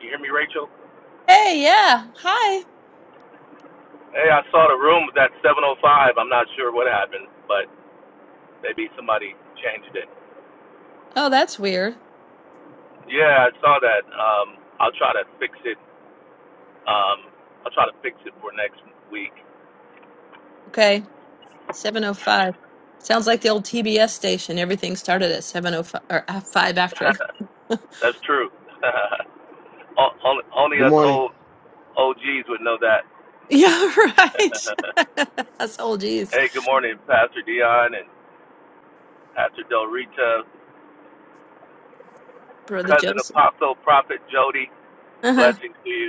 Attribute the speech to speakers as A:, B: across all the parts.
A: You hear me, Rachel?
B: Hey, yeah. Hi.
A: Hey, I saw the room was at 7:05. I'm not sure what happened, but maybe somebody changed it.
B: Oh, that's weird.
A: Yeah, I saw that. Um, I'll try to fix it. Um, I'll try to fix it for next week.
B: Okay. 705. Sounds like the old TBS station. Everything started at 705 or at 5 after.
A: That's true. O- only, only
C: Good
A: us
C: morning.
A: old OGs would know that.
B: Yeah, right. that's old geez.
A: hey, good morning, Pastor Dion and Pastor Del Rita,
B: Brother
A: cousin
B: Joseph.
A: Apostle Prophet Jody.
B: Uh-huh.
A: Blessings to you.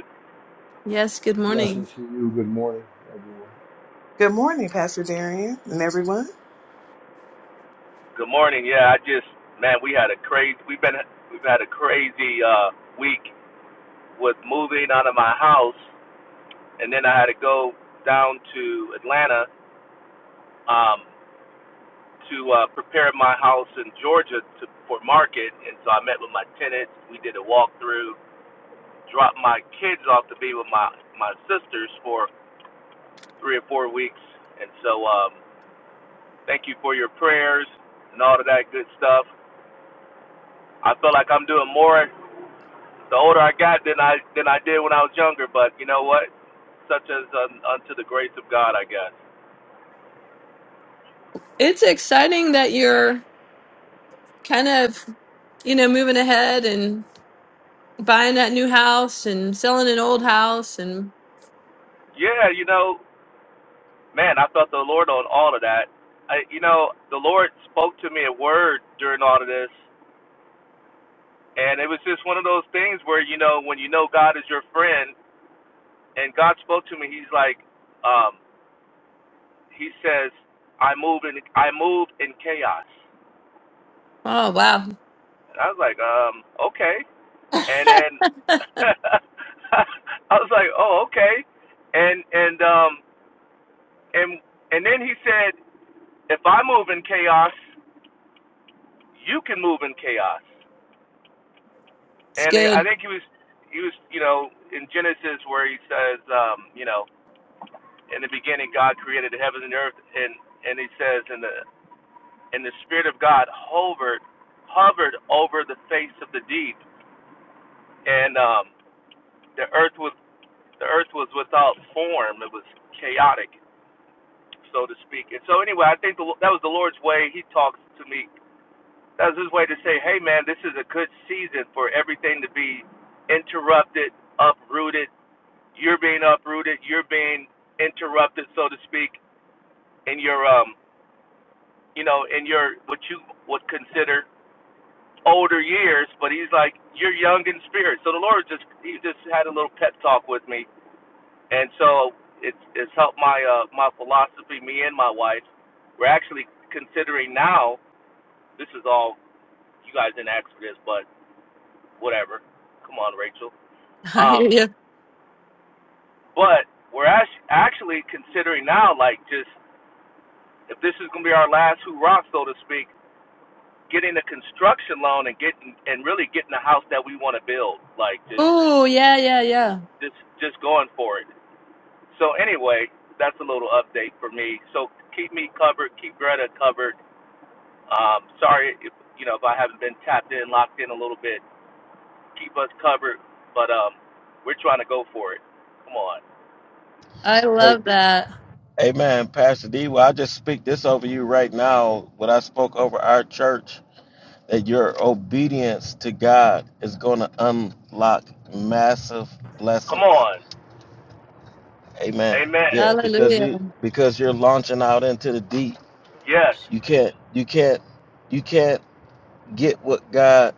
B: Yes, good morning.
D: Blessings to you. Good morning, everyone.
E: Good morning, Pastor Darian and everyone.
A: Good morning. Yeah, I just man, we had a crazy. We've been we've had a crazy uh, week with moving out of my house, and then I had to go down to Atlanta um, to uh, prepare my house in Georgia to, for market. And so I met with my tenants. We did a walkthrough. Dropped my kids off to be with my my sisters for three or four weeks. And so um, thank you for your prayers and all of that good stuff. I feel like I'm doing more. The older I got than I than I did when I was younger, but you know what? Such as un, unto the grace of God, I guess.
B: It's exciting that you're kind of, you know, moving ahead and buying that new house and selling an old house and
A: Yeah, you know, man, I felt the Lord on all of that. I, you know, the Lord spoke to me a word during all of this, and it was just one of those things where you know when you know God is your friend, and God spoke to me. He's like, um, He says, "I move in, I move in chaos."
B: oh, wow.
A: And I was like, um, okay. and then I was like, "Oh, okay." And and um and and then he said, "If I move in chaos, you can move in chaos."
B: it's
A: And I
B: good.
A: think he was he was you know in Genesis where he says, um, you know, in the beginning God created the heavens and the earth, and and he says, in the and the spirit of God hovered hovered over the face of the deep, and um, the earth was the earth was without form; it was chaotic so to speak. And so anyway, I think the, that was the Lord's way. He talks to me. That was his way to say, "Hey, man, this is a good season for everything to be interrupted, uprooted. You're being uprooted. You're being interrupted, so to speak, in your um, you know, in your what you would consider older years. But he's like, you're young in spirit. So the Lord just he just had a little pep talk with me, and so it's it's helped my uh my philosophy. Me and my wife, we're actually considering now This is all you guys didn't ask for this, but whatever. Come on, Rachel.
B: I hear
A: Um,
B: you.
A: but we're actually considering now, like, just if this is gonna be our last hoorah, so to speak, getting a construction loan and getting and really getting a house that we want to build. Like, just
B: Oh, yeah, yeah, yeah.
A: just just going for it. So anyway, that's a little update for me. So keep me covered, keep Greta covered. Um, sorry, if, you know, if I haven't been tapped in, locked in a little bit. keep us covered, but um, we're trying to go for it. Come on,
B: I
C: Hey,
B: love that.
C: amen, Pastor D. Well, I just speak this over you right now. What I spoke over our church that your obedience to God is going to unlock massive
A: come
C: blessings.
A: on,
C: Amen.
A: Amen.
C: Yeah, because
B: Hallelujah.
C: you because you're launching out into the deep.
A: Yes,
C: You can't you can't you can't get what God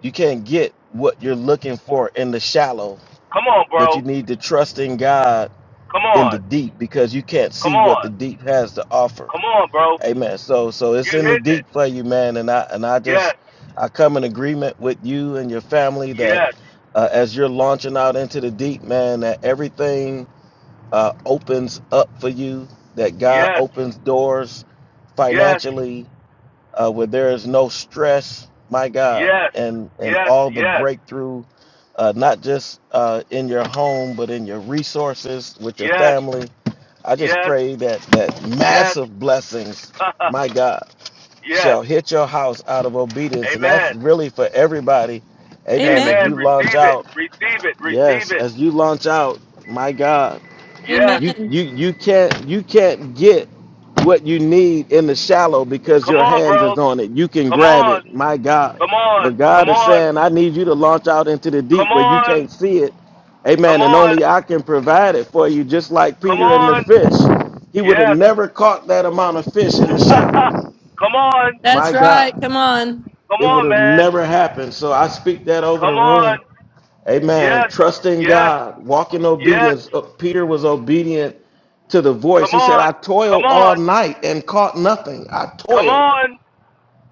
C: you can't get what you're looking for in the shallow,
A: come on,
C: but
A: bro.
C: you need to trust in God
A: Come
C: in the
A: on,
C: deep because you can't
A: come
C: see what the
A: on,
C: deep has to offer
A: come on, bro.
C: Amen. So so
A: You
C: it's in the
A: hitting it?
C: deep for you, man. And I and I
A: Yes,
C: just I come in agreement with you and your family that
A: yes,
C: uh, as you're launching out into the deep, man, that everything uh, opens up for you. That God
A: yes,
C: opens doors
A: yes,
C: financially uh, where there is no stress. My God,
A: yes,
C: and and
A: yes,
C: all the breakthrough, uh, not just uh, in your home, but in your resources with your
A: yes,
C: family. I just
A: yes,
C: pray that that
A: yes, yes,
C: massive blessings, my God
A: yes.
C: shall hit your house out of obedience. And that's
A: Amen.
C: really for everybody. Amen.
B: Amen.
C: As
A: Amen.
C: you launch
A: Receive it.
C: out,
A: Receive it. Receive
C: yes,
A: it.
C: as you launch out, my God,
A: Yes.
C: you
B: Amen.
C: you you can't you can't get what you need in the shallow because
A: Come
C: your
A: on,
C: hands
A: bro.
C: is on it. You can
A: Come
C: grab
A: on.
C: it, my God.
A: Come on.
C: But
A: Come
C: God is
A: on.
C: saying, I need you to launch out into the
A: Come
C: deep where you can't
A: on,
C: see it.
A: come
C: Amen. And
A: on,
C: only I can provide it for you, just like
A: come
C: Peter and the
A: on.
C: fish. He would have
A: Yes.
C: never caught that amount of fish in the shallow.
A: come on,
C: My
B: That's right.
C: God.
B: Come on.
A: come
C: It would
A: on,
C: have
A: man.
C: never happened. So I speak that over
A: Come
C: the
A: on.
C: room. Amen.
A: Yes,
C: Trust in
A: yes,
C: God. Walk in
A: yes.
C: obedience. Uh, Peter was obedient to the voice.
A: Come
C: He said,
A: on,
C: I
A: come
C: toiled all
A: on,
C: night and caught nothing. I
A: come
C: toiled.
A: on,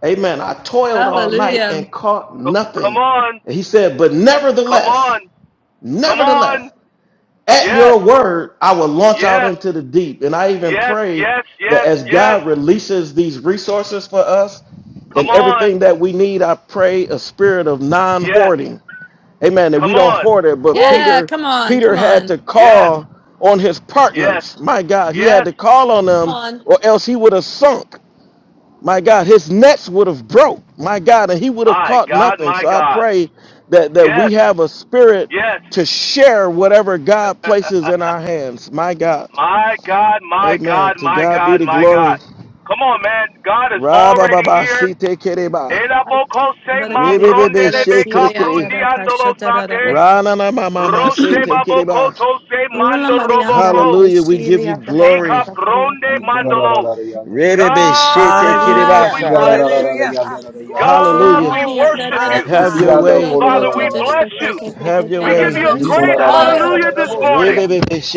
C: Amen. I toiled
A: come,
C: all night
B: Hallelujah.
C: and caught
A: come, come
C: nothing.
A: on,
C: And he said, But
A: come
C: nevertheless,
A: on, come
C: nevertheless.
A: on.
C: At
A: Yes,
C: your word, I will launch out
A: yes,
C: into the deep. And I even
A: yes,
C: pray
A: yes,
C: that
A: yes,
C: as
A: yes.
C: God releases these resources for us
A: Come
C: and everything
A: on.
C: that we need, I pray a spirit of
A: Yes,
C: non-hoarding. Amen. That
A: come
C: we don't
A: on.
C: hoard it. But
A: Woo.
B: Yeah,
C: Peter,
B: come on.
C: Peter
B: Come
C: had to
B: on.
A: Yes,
C: call on his
A: yes,
C: partners. My God, he had
A: yes.
C: to call on
B: Come
C: them,
B: on.
C: or else he would have sunk my God, his nets would have broke, my God, and he would have
A: My
C: caught
A: God,
C: nothing.
A: my
C: So I
A: God.
C: pray that that we
A: Yes.
C: have a spirit
A: Yes.
C: to share whatever God places in our hands, my God.
A: my God, my
C: Amen.
A: God,
C: To
A: my
C: God be
A: God,
C: the
A: my God.
C: glory.
A: Come on, man. God is already
C: Ra-ba-ba-ba,
A: here.
C: si-te-ke-de-ba.
A: Ela boko Elabokose
B: Brother Kadi, ah, da,
C: Re-be-be-be,
B: da,
A: mambrondele
B: Sheila,
A: beka
B: ah, da,
C: she-te-ke.
A: prundi
B: da, Kasha,
A: andolo
B: da, da, da, da.
A: sate.
C: Ra-na-na-ma-ma-ma,
A: Roshe
C: si-te-ke-de-ba.
A: babokoto se
B: Rula
A: mando
B: Maria, ah, da, da,
A: roboko.
C: Hallelujah. We give
B: Sheila,
C: you
B: ah, da, ba, ba, ba,
C: glory.
A: Sika
B: ba, Kadi, ah, da,
A: pronde
B: da, da,
A: mandolo.
B: da, da,
C: Re-be-be,
A: God, we
E: Hallelujah.
C: she-te-ke-de-ba-sa.
A: bless you.
E: Hallelujah. Ah, Glory,
A: God,
B: Rula
C: Hallelujah.
A: we
B: Maria, ah,
E: glory,
B: da,
A: worship
B: da, da,
E: my
A: you.
B: da,
C: Have
E: God.
C: your
B: so, da, da,
C: way.
B: da,
A: Father,
B: da, da,
A: we
E: Woo, we
A: bless
B: da,
A: you.
E: bless you,
B: da, da,
E: Lord.
C: Have
B: da,
C: your
B: da,
A: We
B: da. We
A: give
C: way.
A: you a
E: Hallelujah.
B: bless
C: We
B: you,
A: great
B: God.
A: hallelujah this morning.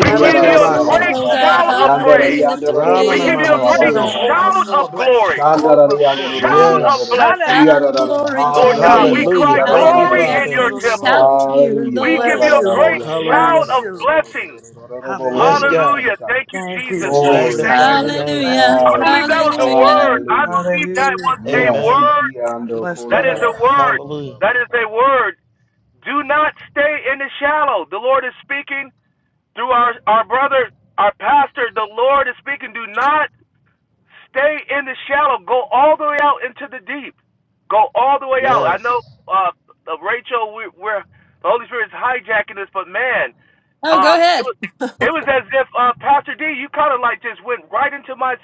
A: We
B: We
A: give you
B: bless
A: a
B: the name
A: great
B: O
A: shout of
B: God. We
A: praise.
B: lift our
A: We
C: Ramana
A: give
B: name
A: you
B: to
A: a
C: mama
B: you,
A: great
C: say
A: shout
B: God.
E: Overflow
A: of
E: of blessings.
A: glory,
E: Overflow of blessings.
A: shout of
C: yes.
D: Shandarariyandorororiyandororo.
A: blessing.
B: Shout of
D: Kiyarararara.
B: glory to
A: Lord
B: your
E: Ha-da-da-da-da-da-da-da-da-da-da.
A: God, we
D: Hallelujah.
B: name.
C: Hallelujah.
A: cry
C: Thank you,
E: Ma-ma-ma-ma.
A: glory
B: Hallelujah.
E: See,
D: Kiyararararara.
A: in
C: Father.
A: your temple.
B: Shout
E: da-da-da-da-da-da.
B: to you,
D: Hallelujah.
A: We give
E: Bless
A: you
B: Lord.
A: a
E: you, Lord.
A: great shout
C: Hallelujah.
E: Bless
A: of
E: you, Lord.
A: blessings.
D: Kiyarararariyandorororiyandorororororororo. Bo- bo- bo-
C: Yes,
D: bo-
E: Hallelujah.
D: bo.
C: God.
A: Hallelujah.
D: Shita.
A: Thank you,
E: Thank you,
A: Jesus,
C: We
A: Lord. We
D: Glory
A: thank
D: to
E: Jesus,
C: magnify
A: you.
D: your
E: for
C: your
E: your
D: name.
C: name.
B: Hallelujah.
E: blessings,
A: I
E: oh
A: believe
E: God.
A: that
D: Hallelujah.
A: was a word.
B: Hallelujah.
A: I
D: Hallelujah.
A: believe that was
E: Hallelujah.
A: a
D: Yes.
C: Amen.
A: word.
D: Ikiyando
E: Bless the
A: That is
E: Lord.
A: a
D: kolarararara.
A: word.
D: Ba-
C: Hallelujah.
D: ba-
A: That
D: ba-
A: is
D: ba-
A: a
D: ba.
A: word. Do not stay in the shallow. The Lord is speaking through our, our brother, our pastor. The Lord is speaking. Do not stay in the shallow. Go all the way out into the deep. Go all the way out. I know,
C: Yes.
A: uh, uh, Rachel, we, we're the Holy Spirit is hijacking this, but man,
B: Oh, go
A: um, it
B: ahead.
A: was it was as if uh, Pastor D, you kind of like just went right into my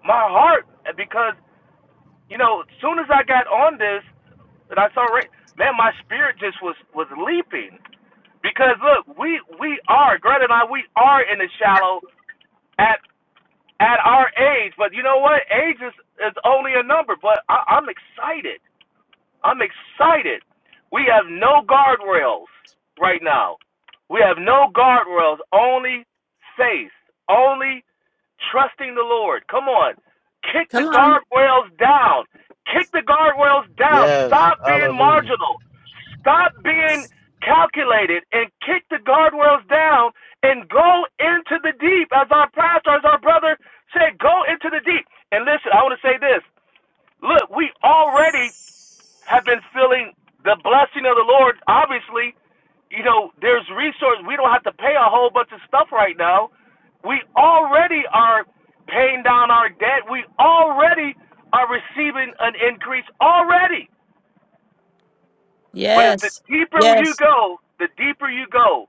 A: my heart because you know, as soon as I got on this and I saw, Ra- man, my spirit just was was leaping because look, we we are Greta and I. We are in the shallow at at our age, but you know what? Age is is only a number. But I, I'm excited. I'm excited. We have no guardrails right now. We have no guardrails, only faith, only trusting the Lord. Come on. Kick
B: Come
A: the
B: on.
A: guardrails down. Kick the guardrails down.
C: Yes.
A: Stop being
C: Hallelujah.
A: marginal. Stop being calculated and kick the guardrails down and go into the deep. As our pastor, as our brother said, go into the deep. And listen, I want to say this. Look, we already have been feeling the blessing of the Lord. Obviously, you know, there's resources. We don't have to pay a whole bunch of stuff right now. We already are paying down our debt. We already are receiving an increase already. But it's the
B: Yes.
A: deeper you
B: Yes.
A: go, the deeper you go,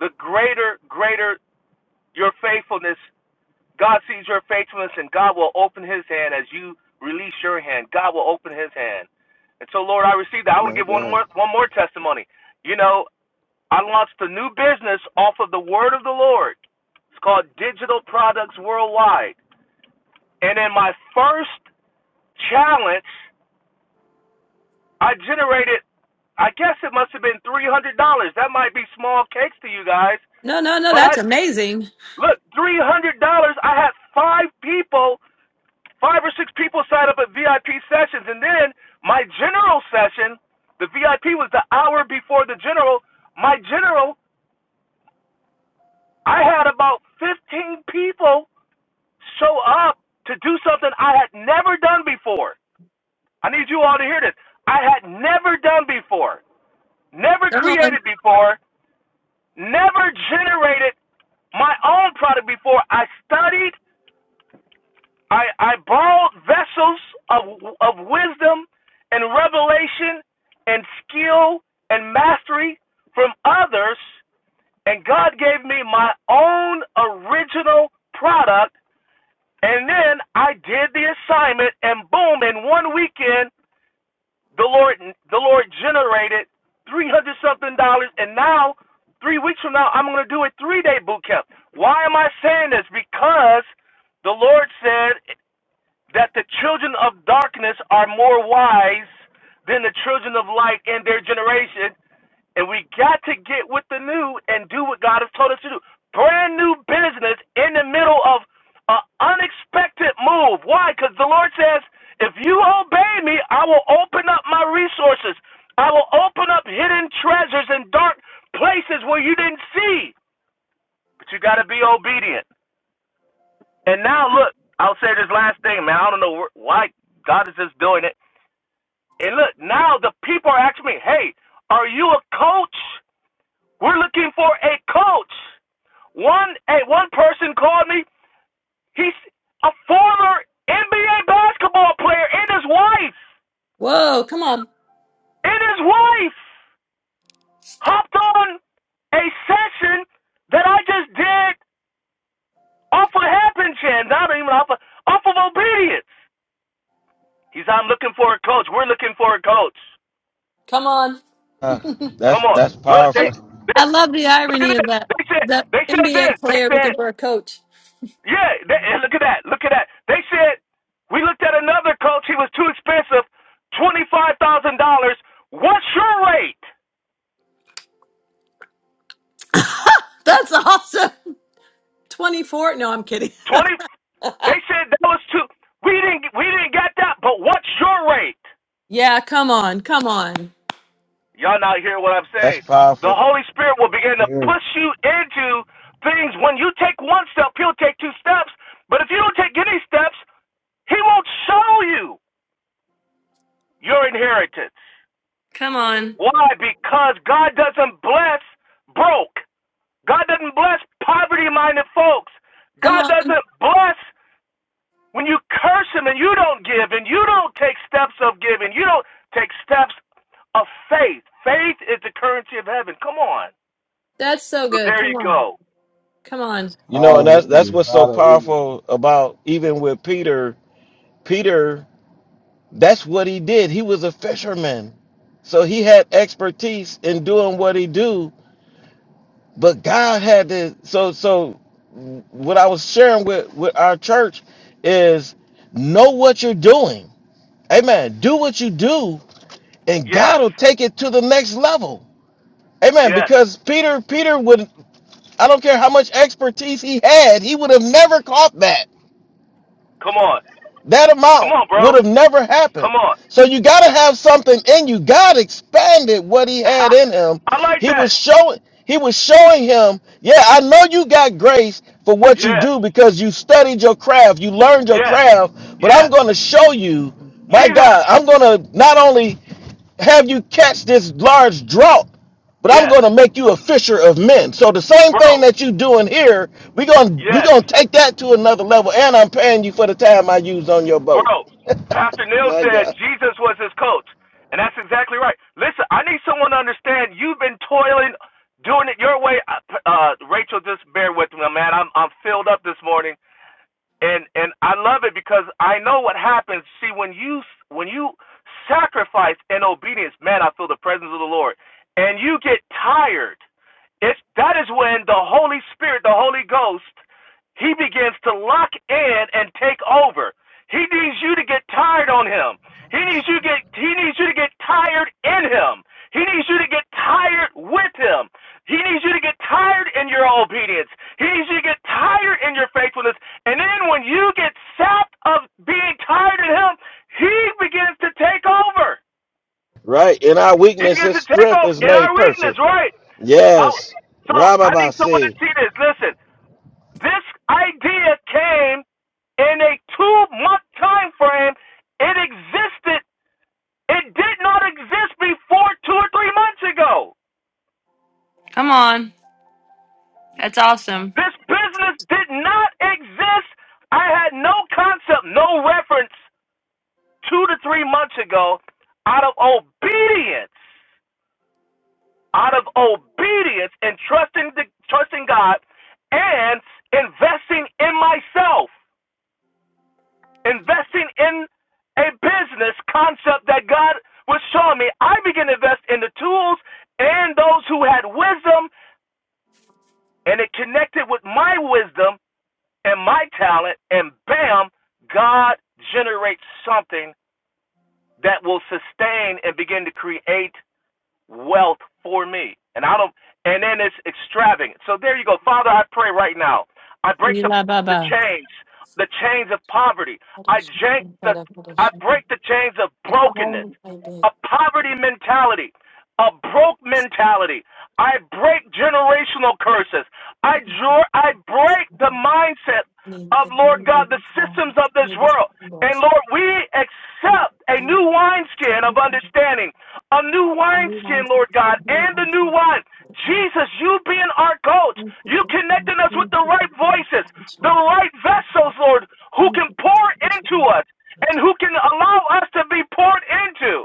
A: the greater, greater your faithfulness God sees your faithfulness and God will open his hand as you release your hand. God will open his hand. And so, Lord, I received that. I want to
C: My
A: give one
C: God.
A: more, one more testimony. You know, I launched a new business off of the word of the Lord. It's called Digital Products Worldwide. And in my first challenge, I generated, I guess it must have been $300. That might be small cakes to you guys.
B: No, no, no.
A: But
B: That's
A: I,
B: amazing.
A: look, $300, I had five people Five or six people signed up at VIP sessions, and then my general session, the VIP was the hour before the general. My general, I had about 15 people show up to do something I had never done before. I need you all to hear this. I had never done before, never
B: Come on.
A: created before, never generated my own product before. I studied I, I borrowed vessels of, of wisdom and revelation and skill and mastery from others, and God gave me my own original product. And then I did the assignment, and boom! In one weekend, the Lord the Lord generated three hundred something dollars, and now three weeks from now, I'm going to do a three day boot camp. Why am I saying this? Because the Lord said that the children of darkness are more wise than the children of light in their generation. And we got to get with the new and do what God has told us to do. Brand new business in the middle of an unexpected move. Why? Because the Lord says, if you obey me, I will open up my resources. I will open up hidden treasures in dark places where you didn't see. But you got to be obedient. And now look, I'll say this last thing, man. I don't know wh- why God is just doing it. And look, now the people are asking me, "Hey, are you a coach? We're looking for a coach." One, a one person called me. He's a former NBA basketball player, and his wife,
B: Whoa. Come on.
A: and his wife hopped on a session that I just did off of happen chance, not even off of, off of obedience. He's, I'm looking for a coach. We're looking for a coach.
B: Come on.
C: Ah, that's
A: Come on.
C: that's
A: Look,
B: I,
A: they,
C: powerful.
A: they
B: I love the
A: look at
B: irony of
A: this.
B: that.
A: They said
B: The
A: they said this.
B: NBA
A: They
B: player looking
A: said,
B: for a coach.
A: yeah, they, and look at that. Look at that. They said we looked at another coach, he was too expensive, twenty five thousand dollars. What's your rate?
B: That's awesome. 24. No, I'm kidding.
A: Twenty they said that was too we didn't we didn't get that, but what's your rate?
B: Yeah, come on, come on,
A: Y'all not hear what I'm
C: That's
A: saying. The
C: powerful.
A: Holy Spirit will
D: We
A: begin to
D: hear it.
A: push you into things. When you take one step, he'll take two steps. But if you don't take any steps, he won't show you. your inheritance.
B: Come on.
A: Why? Because God doesn't bless broke. God doesn't bless poverty minded folks.
B: come
A: God
B: on.
A: doesn't bless when you curse Him and you don't give and you don't take steps of giving. You don't take steps of faith. Faith is the currency of heaven. Come on.
B: That's so
A: So
B: good.
A: there you
B: Come on,
A: go.
B: come on.
C: You know, and that's that's
D: Hallelujah.
C: what's so
D: Hallelujah.
C: powerful about even with Peter. Peter That's what he did. He was a fisherman. So he had expertise in doing what he do, but God had to so so what I was sharing with with our church is know what you're doing. Amen. Do what you do and
A: Yes,
C: God will take it to the next level. Amen.
A: yes.
C: Because Peter Peter would I don't care how much expertise he had, he would have never caught that
A: Come on.
C: that
A: Come
C: amount
A: on, bro.
C: would have never happened.
A: Come on.
C: So you got to have something in you. God expanded what he had in him.
A: I like
C: He
A: that.
C: was showing he was showing him, yeah, I know you got grace for what you
A: Yeah,
C: do because you studied your craft, you learned your
A: yes,
C: craft, but
A: yeah.
C: I'm going to show you, my
A: Jesus,
C: God, I'm going to not only have you catch this large draught, but I'm
A: yeah.
C: going to make you a fisher of men. So the same thing
A: Bro,
C: that you doing here, we're going we're
A: yes.
C: going to take that to another level and I'm paying you for the time I use on your boat.
A: Bro, Pastor Neil
C: My
A: said
C: God.
A: Jesus was his coach. And that's exactly right. Listen, I need someone to understand you've been toiling, doing it your way. Uh, uh, Rachel, just bear with me, man. I'm, I'm filled up this morning and and I love it because I know what happens. See, when you when you sacrifice in obedience, man, I feel the presence of the Lord. And you get tired. It's that is when the Holy Spirit, the Holy Ghost, he begins to lock in and take over. He needs you to get tired on him. He needs you to get he needs you to get tired in him. He needs you to get tired with him. He needs you to get tired in your obedience. He needs you to get tired in your faithfulness. And then when you get sapped of being tired of him, he begins to take over.
C: Right? In our
A: He
C: weakness
A: begins
C: his
A: to take
C: strength
A: over
C: is
A: in
C: made
A: our weakness,
C: perfect.
A: right? I,
C: Yes.
A: so I need someone to
C: Rababasi.
A: see this. Listen, this idea came in a two-month time frame. It existed. It did not exist before two or three months ago.
B: Come on. That's awesome.
A: This business did not exist. I had no concept, no reference two to three months ago out of obedience, out of obedience and trusting the, trusting God and investing in myself, investing in a business concept that God was showing me. I began to invest in the tools and those who had wisdom, and it connected with my wisdom and my talent, and bam, God generates something that will sustain and begin to create wealth for me. And I don't and then it's extravagant. So there you go. Father, I pray right now. I break the
B: Yila
A: the
B: baba.
A: chains, the chains of poverty. I jank the I break the chains of brokenness, a poverty mentality, a broke mentality. I break generational curses. I draw, I break the mindset of Lord God, the systems of this world. And Lord, we accept a new wineskin of understanding a new wineskin, Lord God, and the new wine. Jesus, you being our coach, you connecting us with the right voices, the right vessels, Lord, who can pour into us and who can allow us to be poured into.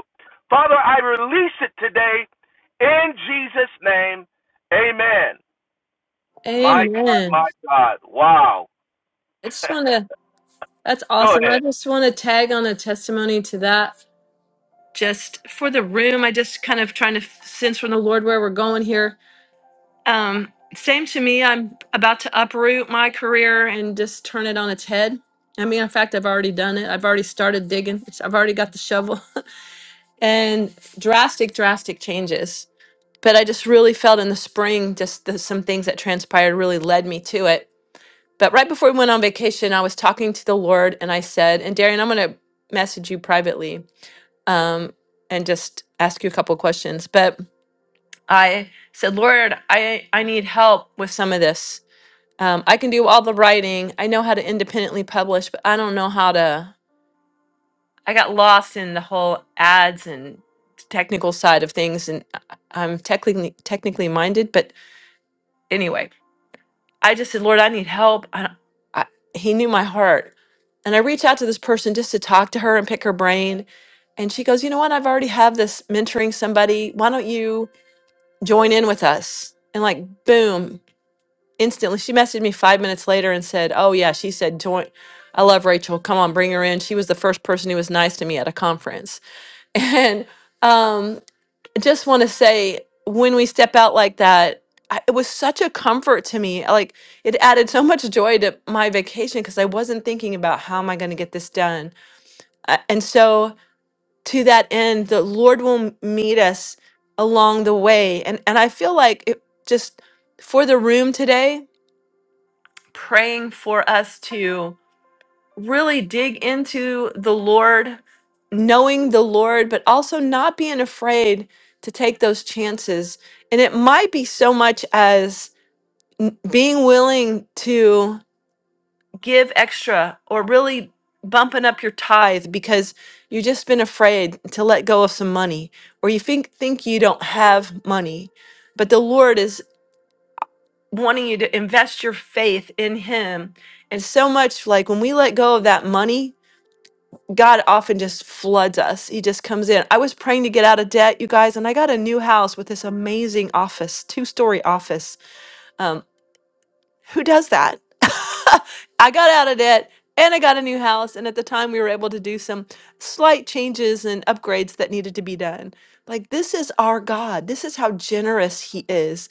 A: Father, I release it today in Jesus' name. Amen. My God, my
B: Amen.
A: God. Wow.
B: I just want to. That's
A: Go
B: awesome.
A: ahead.
B: I just want to tag on a testimony to that. Just for the room, I just kind of trying to sense from the Lord, where we're going here. Um, same to me. I'm about to uproot my career and just turn it on its head. I mean, in fact, I've already done it. I've already started digging. It's- I've already got the shovel and drastic, drastic changes. But I just really felt in the spring, just the, some things that transpired really led me to it. But right before we went on vacation, I was talking to the Lord and I said, and Darian, I'm going to message you privately um, and just ask you a couple questions. But I said, Lord, I, I need help with some of this um, I can do all the writing. I know how to independently publish, but I don't know how to. I got lost in the whole ads and technical side of things, and I- I'm technically technically minded. But anyway, I just said, Lord, I need help. I, don't- I, he knew my heart, and I reached out to this person just to talk to her and pick her brain. And she goes, you know what? I've already have this mentoring somebody. Why don't you join in with us? And like, boom! instantly she messaged me five minutes later and said oh yeah she said join i love rachel come on bring her in she was the first person who was nice to me at a conference and um I just want to say when we step out like that I, it was such a comfort to me like it added so much joy to my vacation because i wasn't thinking about how am i going to get this done Uh, and so to that end the lord will m- meet us along the way and and i feel like it just for the room today praying for us to really dig into the Lord, knowing the Lord, but also not being afraid to take those chances. And it might be so much as being willing to give extra or really bumping up your tithe because you've just been afraid to let go of some money or you think think you don't have money but the lord is. wanting you to invest your faith in him and so much like when we let go of that money god often just floods us he just comes in i was praying to get out of debt you guys and i got a new house with this amazing office two story office um, who does that i got out of debt and i got a new house and at the time we were able to do some slight changes and upgrades that needed to be done like this is our god this is how generous he is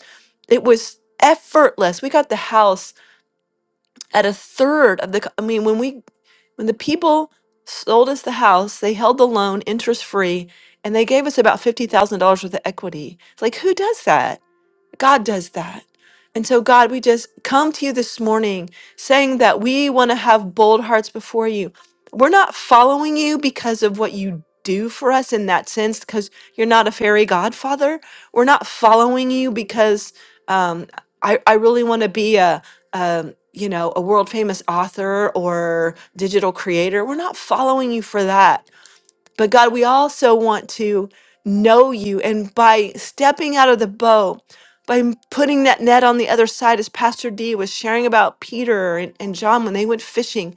B: it was effortless we got the house at a third of the co- i mean when we when the people sold us the house they held the loan interest free and they gave us about $50000 worth of equity it's like who does that god does that and so god we just come to you this morning saying that we want to have bold hearts before you we're not following you do for us in that sense because you're not a fairy godfather. We're not following you because um, I, I really want to be a, um you know a world famous author or digital creator. We're not following you for that. But God, we also want to know you, and by stepping out of the boat. By m- putting that net on the other side, as Pastor D was sharing about Peter and John when they went fishing,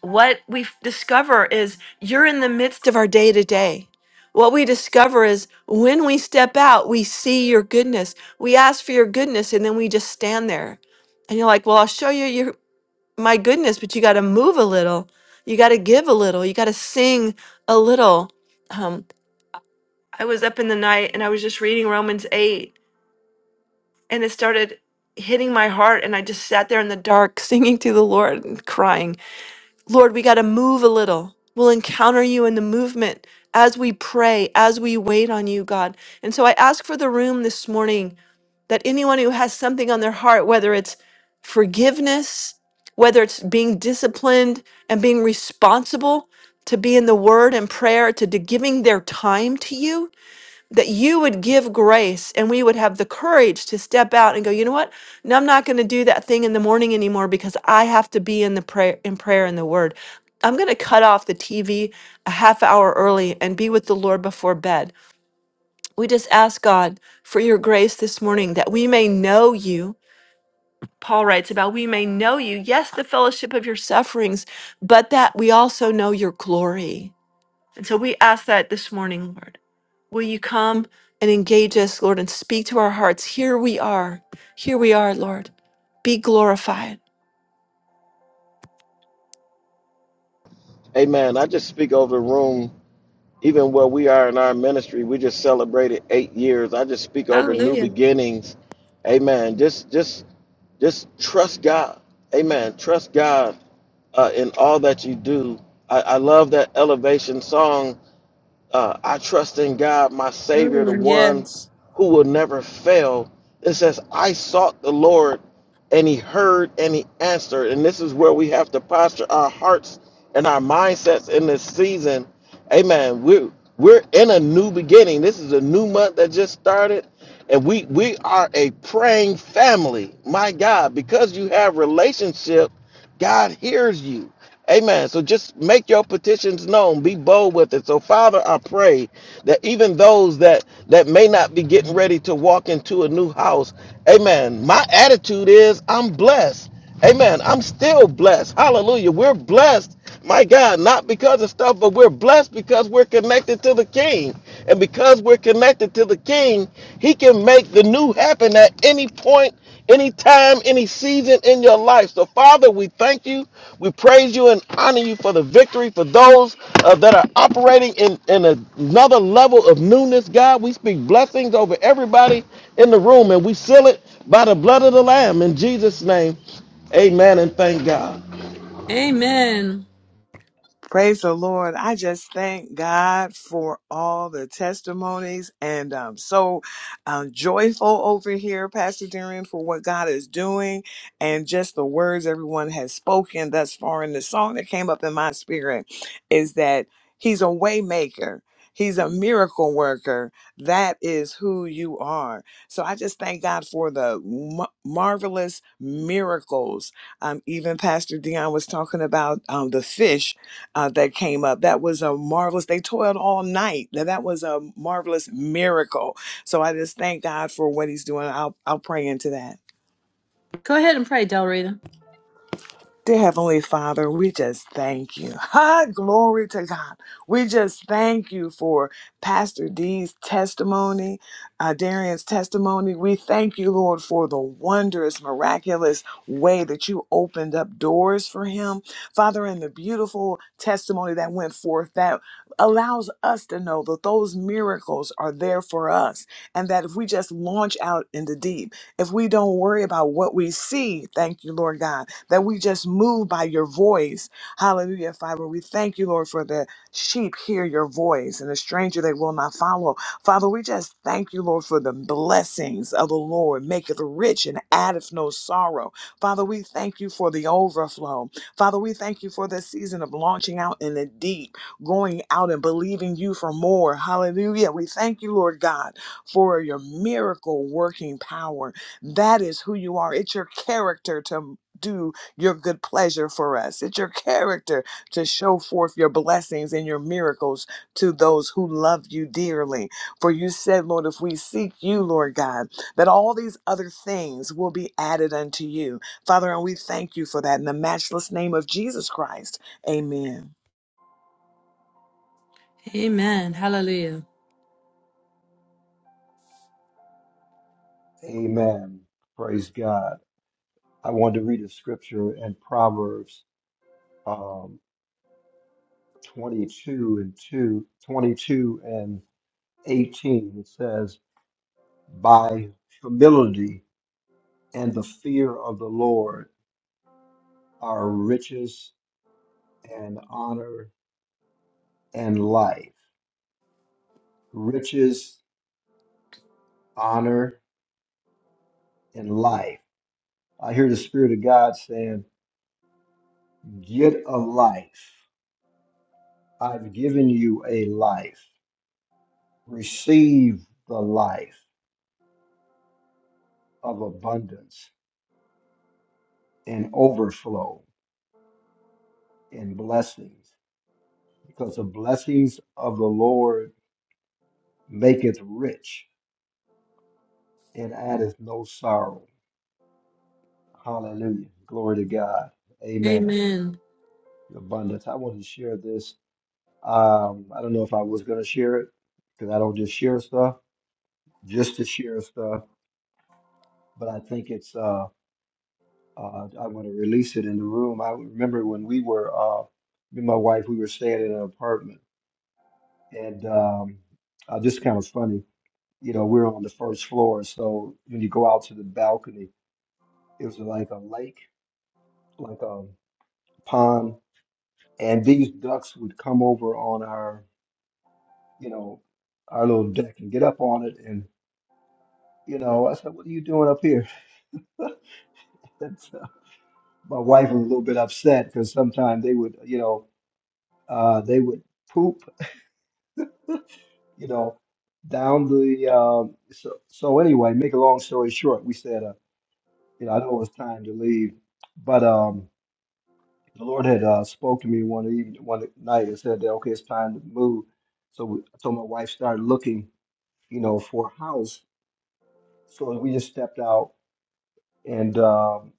B: what we f- discover is you're in the midst of our day to day. What we discover is when we step out, we see your goodness. We ask for your goodness and then we just stand there. And you're like, well, I'll show you your, my goodness, but you got to move a little. You got to give a little. You got to sing a little. Um, I was up in the night and I was just reading Romans 8 and it started hitting my heart. And I just sat there in the dark singing to the Lord and crying Lord, we got to move a little. We'll encounter you in the movement as we pray, as we wait on you, God. And so I ask for the room this morning that anyone who has something on their heart, whether it's forgiveness, whether it's being disciplined and being responsible to be in the word and prayer, to, to giving their time to you, that you would give grace and we would have the courage to step out and go, you know what? No, I'm not going to do that thing in the morning anymore because I have to be in the prayer prayer and the word. I'm going to cut off the TV a half hour early and be with the Lord before bed. We just ask God for your grace this, that we may know you. Paul writes about we may know the fellowship of your sufferings, but that we also know your glory. And so we ask that this morning, Lord. Will you come and engage us, Lord, and speak to our hearts? Here we are. Here we are, Lord. Be glorified.
C: Amen. I just speak over the room even where we are in our ministry, we just celebrated eight years. I just speak over new
B: Hallelujah.
C: beginnings. Amen. Just just just trust God. Amen. Trust God uh, in all that you do. I, I love that elevation song uh, I trust in God, my Savior, the
B: Mm,
C: one
B: yes.
C: who will never fail. It says, I sought the Lord and he heard and he answered. And this is where we have to posture our hearts and our mindsets in this season. Amen. We're, we're in a new beginning. This is a new month that just started. And we, we are a praying family. My God, because you have relationship God hears you. Amen. So just make your petitions known. Be bold with it. So Father, I pray that even those that that may not be getting ready to walk into a new house, amen. My attitude is I'm blessed. Amen. I'm still blessed. Hallelujah. We're blessed. My God, not because of stuff, but we're blessed because we're connected to the King. And because we're connected to the King, He can make the new happen at any point anytime, any season in your life. So, Father, we thank you, we praise you, and honor you for the victory for those uh, that are operating in, in another level of newness, God. We speak blessings over everybody in the room, and we seal it by the blood of the Lamb in Jesus' name. Amen, and thank God.
B: Amen.
E: Praise the Lord. I just thank God for all the testimonies and I'm so um, joyful over here, Pastor Darren, for what God is doing and just the words everyone has spoken thus far. And the song that came up in my spirit is that He's a way maker. He's a miracle worker. That is who you are. So I just thank God for the m- marvelous miracles. Um, even Pastor Dion was talking about um, the fish uh, that came up. That was a marvelous, they toiled all night. Now, that was a marvelous miracle. So I just thank God for what he's doing. I'll, I'll pray into that.
B: Go ahead and pray, Del Rita.
E: Dear Heavenly Father, we just thank you. Ha, glory to God. We just thank you for Pastor D's testimony, uh, Darian's testimony. We thank you, Lord, for the wondrous, miraculous way that you opened up doors for him. Father, and the beautiful testimony that went forth that allows us to know that those miracles are there for us and that if we just launch out in the deep, if we don't worry about what we see, thank you, Lord God that we just move by your voice. Hallelujah, Father. We thank you, Lord, for the sheep hear your voice and the stranger they will not follow. Father, we just thank you, Lord, for the blessings of the Lord, maketh rich and addeth no sorrow. Father, we thank you for the overflow. Father, we thank you for this season of launching out in the deep, going out and believing you for more. Hallelujah. We thank you, Lord God, for your miracle working power. That is who you are. It's your character to do your good pleasure for us. It's your character to show forth your blessings and your miracles to those who love you dearly. For you said, Lord, if we seek you, Lord God, that all these other things will be added unto you. Father, and we thank you for that in the matchless name of Jesus Christ. Amen.
B: Amen. Hallelujah.
D: Amen. Praise God. I want to read a scripture in Proverbs. 22 and 2, 22 and 18, it says, By humility and the fear of the Lord are riches and honor and life. Riches, honor, and life. I hear the Spirit of God saying, Get a life. I've given you a life. Receive the life of abundance and overflow and blessings. because the blessings of the Lord maketh rich and addeth no sorrow. Hallelujah. Glory to God. Amen.
B: Amen.
D: Abundance. I want to share this. Um, I don't know if I was going to share it because I don't just share stuff, just to share stuff, but I think it's, uh, uh, I want to release it in the room. I remember when we were, uh, me and my wife, we were staying in an apartment and um, uh, just kind of funny. You know, we we're on the first floor. So when you go out to the balcony, It was like a lake, like a pond, and these ducks would come over on our, you know, our little deck and get up on it. And you know, I said, "What are you doing up here?" And so my wife was a little bit upset because sometimes they would, you know, uh, they would poop, you know, down the. Um, so so anyway, make a long story short, we said, uh, you know, I know it was time to leave, but um the Lord had uh, spoke to me one evening, one night, and said that okay, it's time to move. So we, so my wife started looking, you know, for a house. So we just stepped out, and um,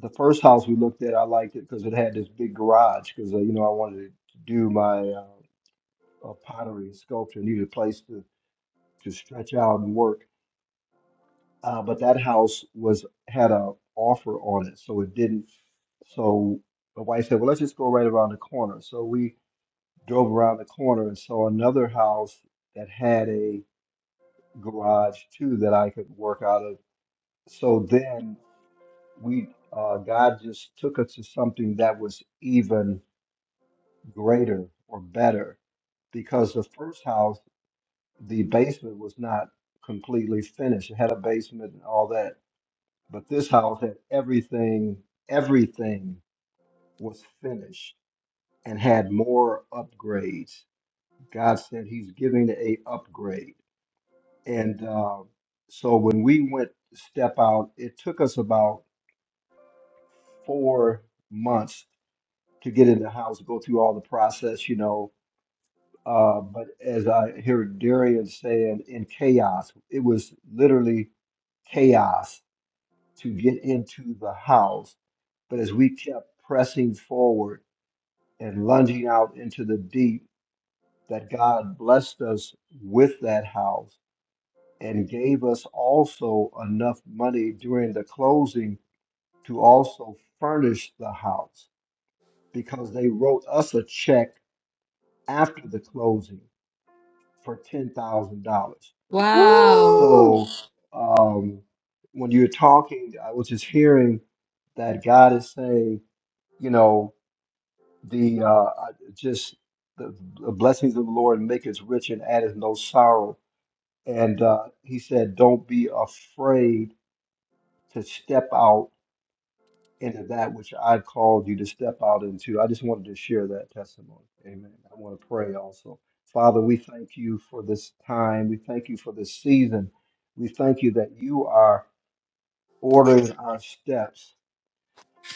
D: the first house we looked at, I liked it because it had this big garage. Because uh, you know, I wanted to do my uh, uh, pottery and sculpture, needed a place to to stretch out and work. Uh, but that house was had a offer on it, so it didn't. So my wife said, well, let's just go right around the corner. So we drove around the corner and saw another house that had a garage too that I could work out of. So then we, uh, God just took us to something that was even greater or better because the first house, the basement was not completely finished. It had a basement and all that, but this house had everything, everything was finished and had more upgrades. God said he's giving a upgrade And uh, so when we went to step out, it took us about four months to get in the house, go through all the process, you know. Uh, but as I hear Darian saying, in chaos, it was literally chaos to get into the house. But as we kept pressing forward and lunging out into the deep, that God blessed us with that house and gave us also enough money during the closing to also furnish the house because they wrote us a check after the closing for ten thousand dollars.
B: Wow.
D: So um, when you're talking, I was just hearing that God is saying, you know, the uh, I- just the, the blessings of the Lord make us rich and addeth no sorrow. And uh, he said, don't be afraid to step out into that which I've called you to step out into. I just wanted to share that testimony. Amen. I want to pray also. Father, we thank you for this time. We thank you for this season. We thank you that you are ordering our steps.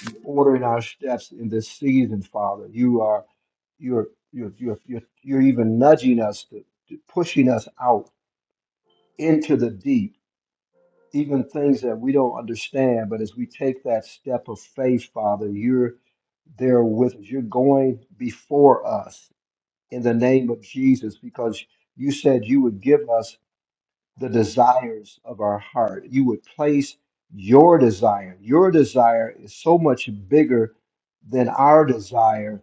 D: You're ordering our steps in this season, Father. You are you're you're you're you're, you're even nudging us to, to pushing us out into the deep even things that we don't understand. But as we take that step of faith, Father, you're there with us. You're going before us in the name of Jesus because you said you would give us the desires of our heart. You would place your desire. Your desire is so much bigger than our desire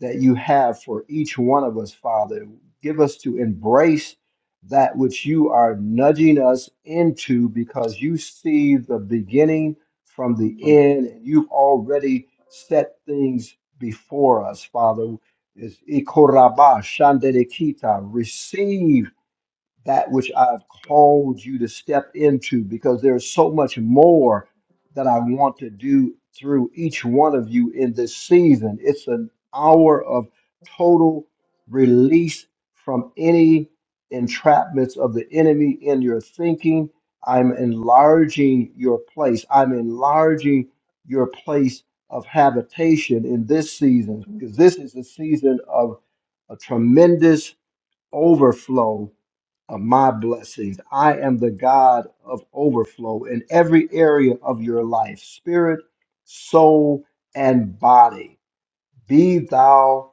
D: that you have for each one of us, Father. Give us to embrace that which you are nudging us into because you see the beginning from the end and you've already set things before us, Father. Is ikoraba shanderekita. Receive that which I've called you to step into because there's so much more that I want to do through each one of you in this season. It's an hour of total release from any entrapments of the enemy in your thinking. I'm enlarging your place. I'm enlarging your place of habitation in this season because this is a season of a tremendous overflow of my blessings. I am the God of overflow in every area of your life spirit, soul, and body. Be thou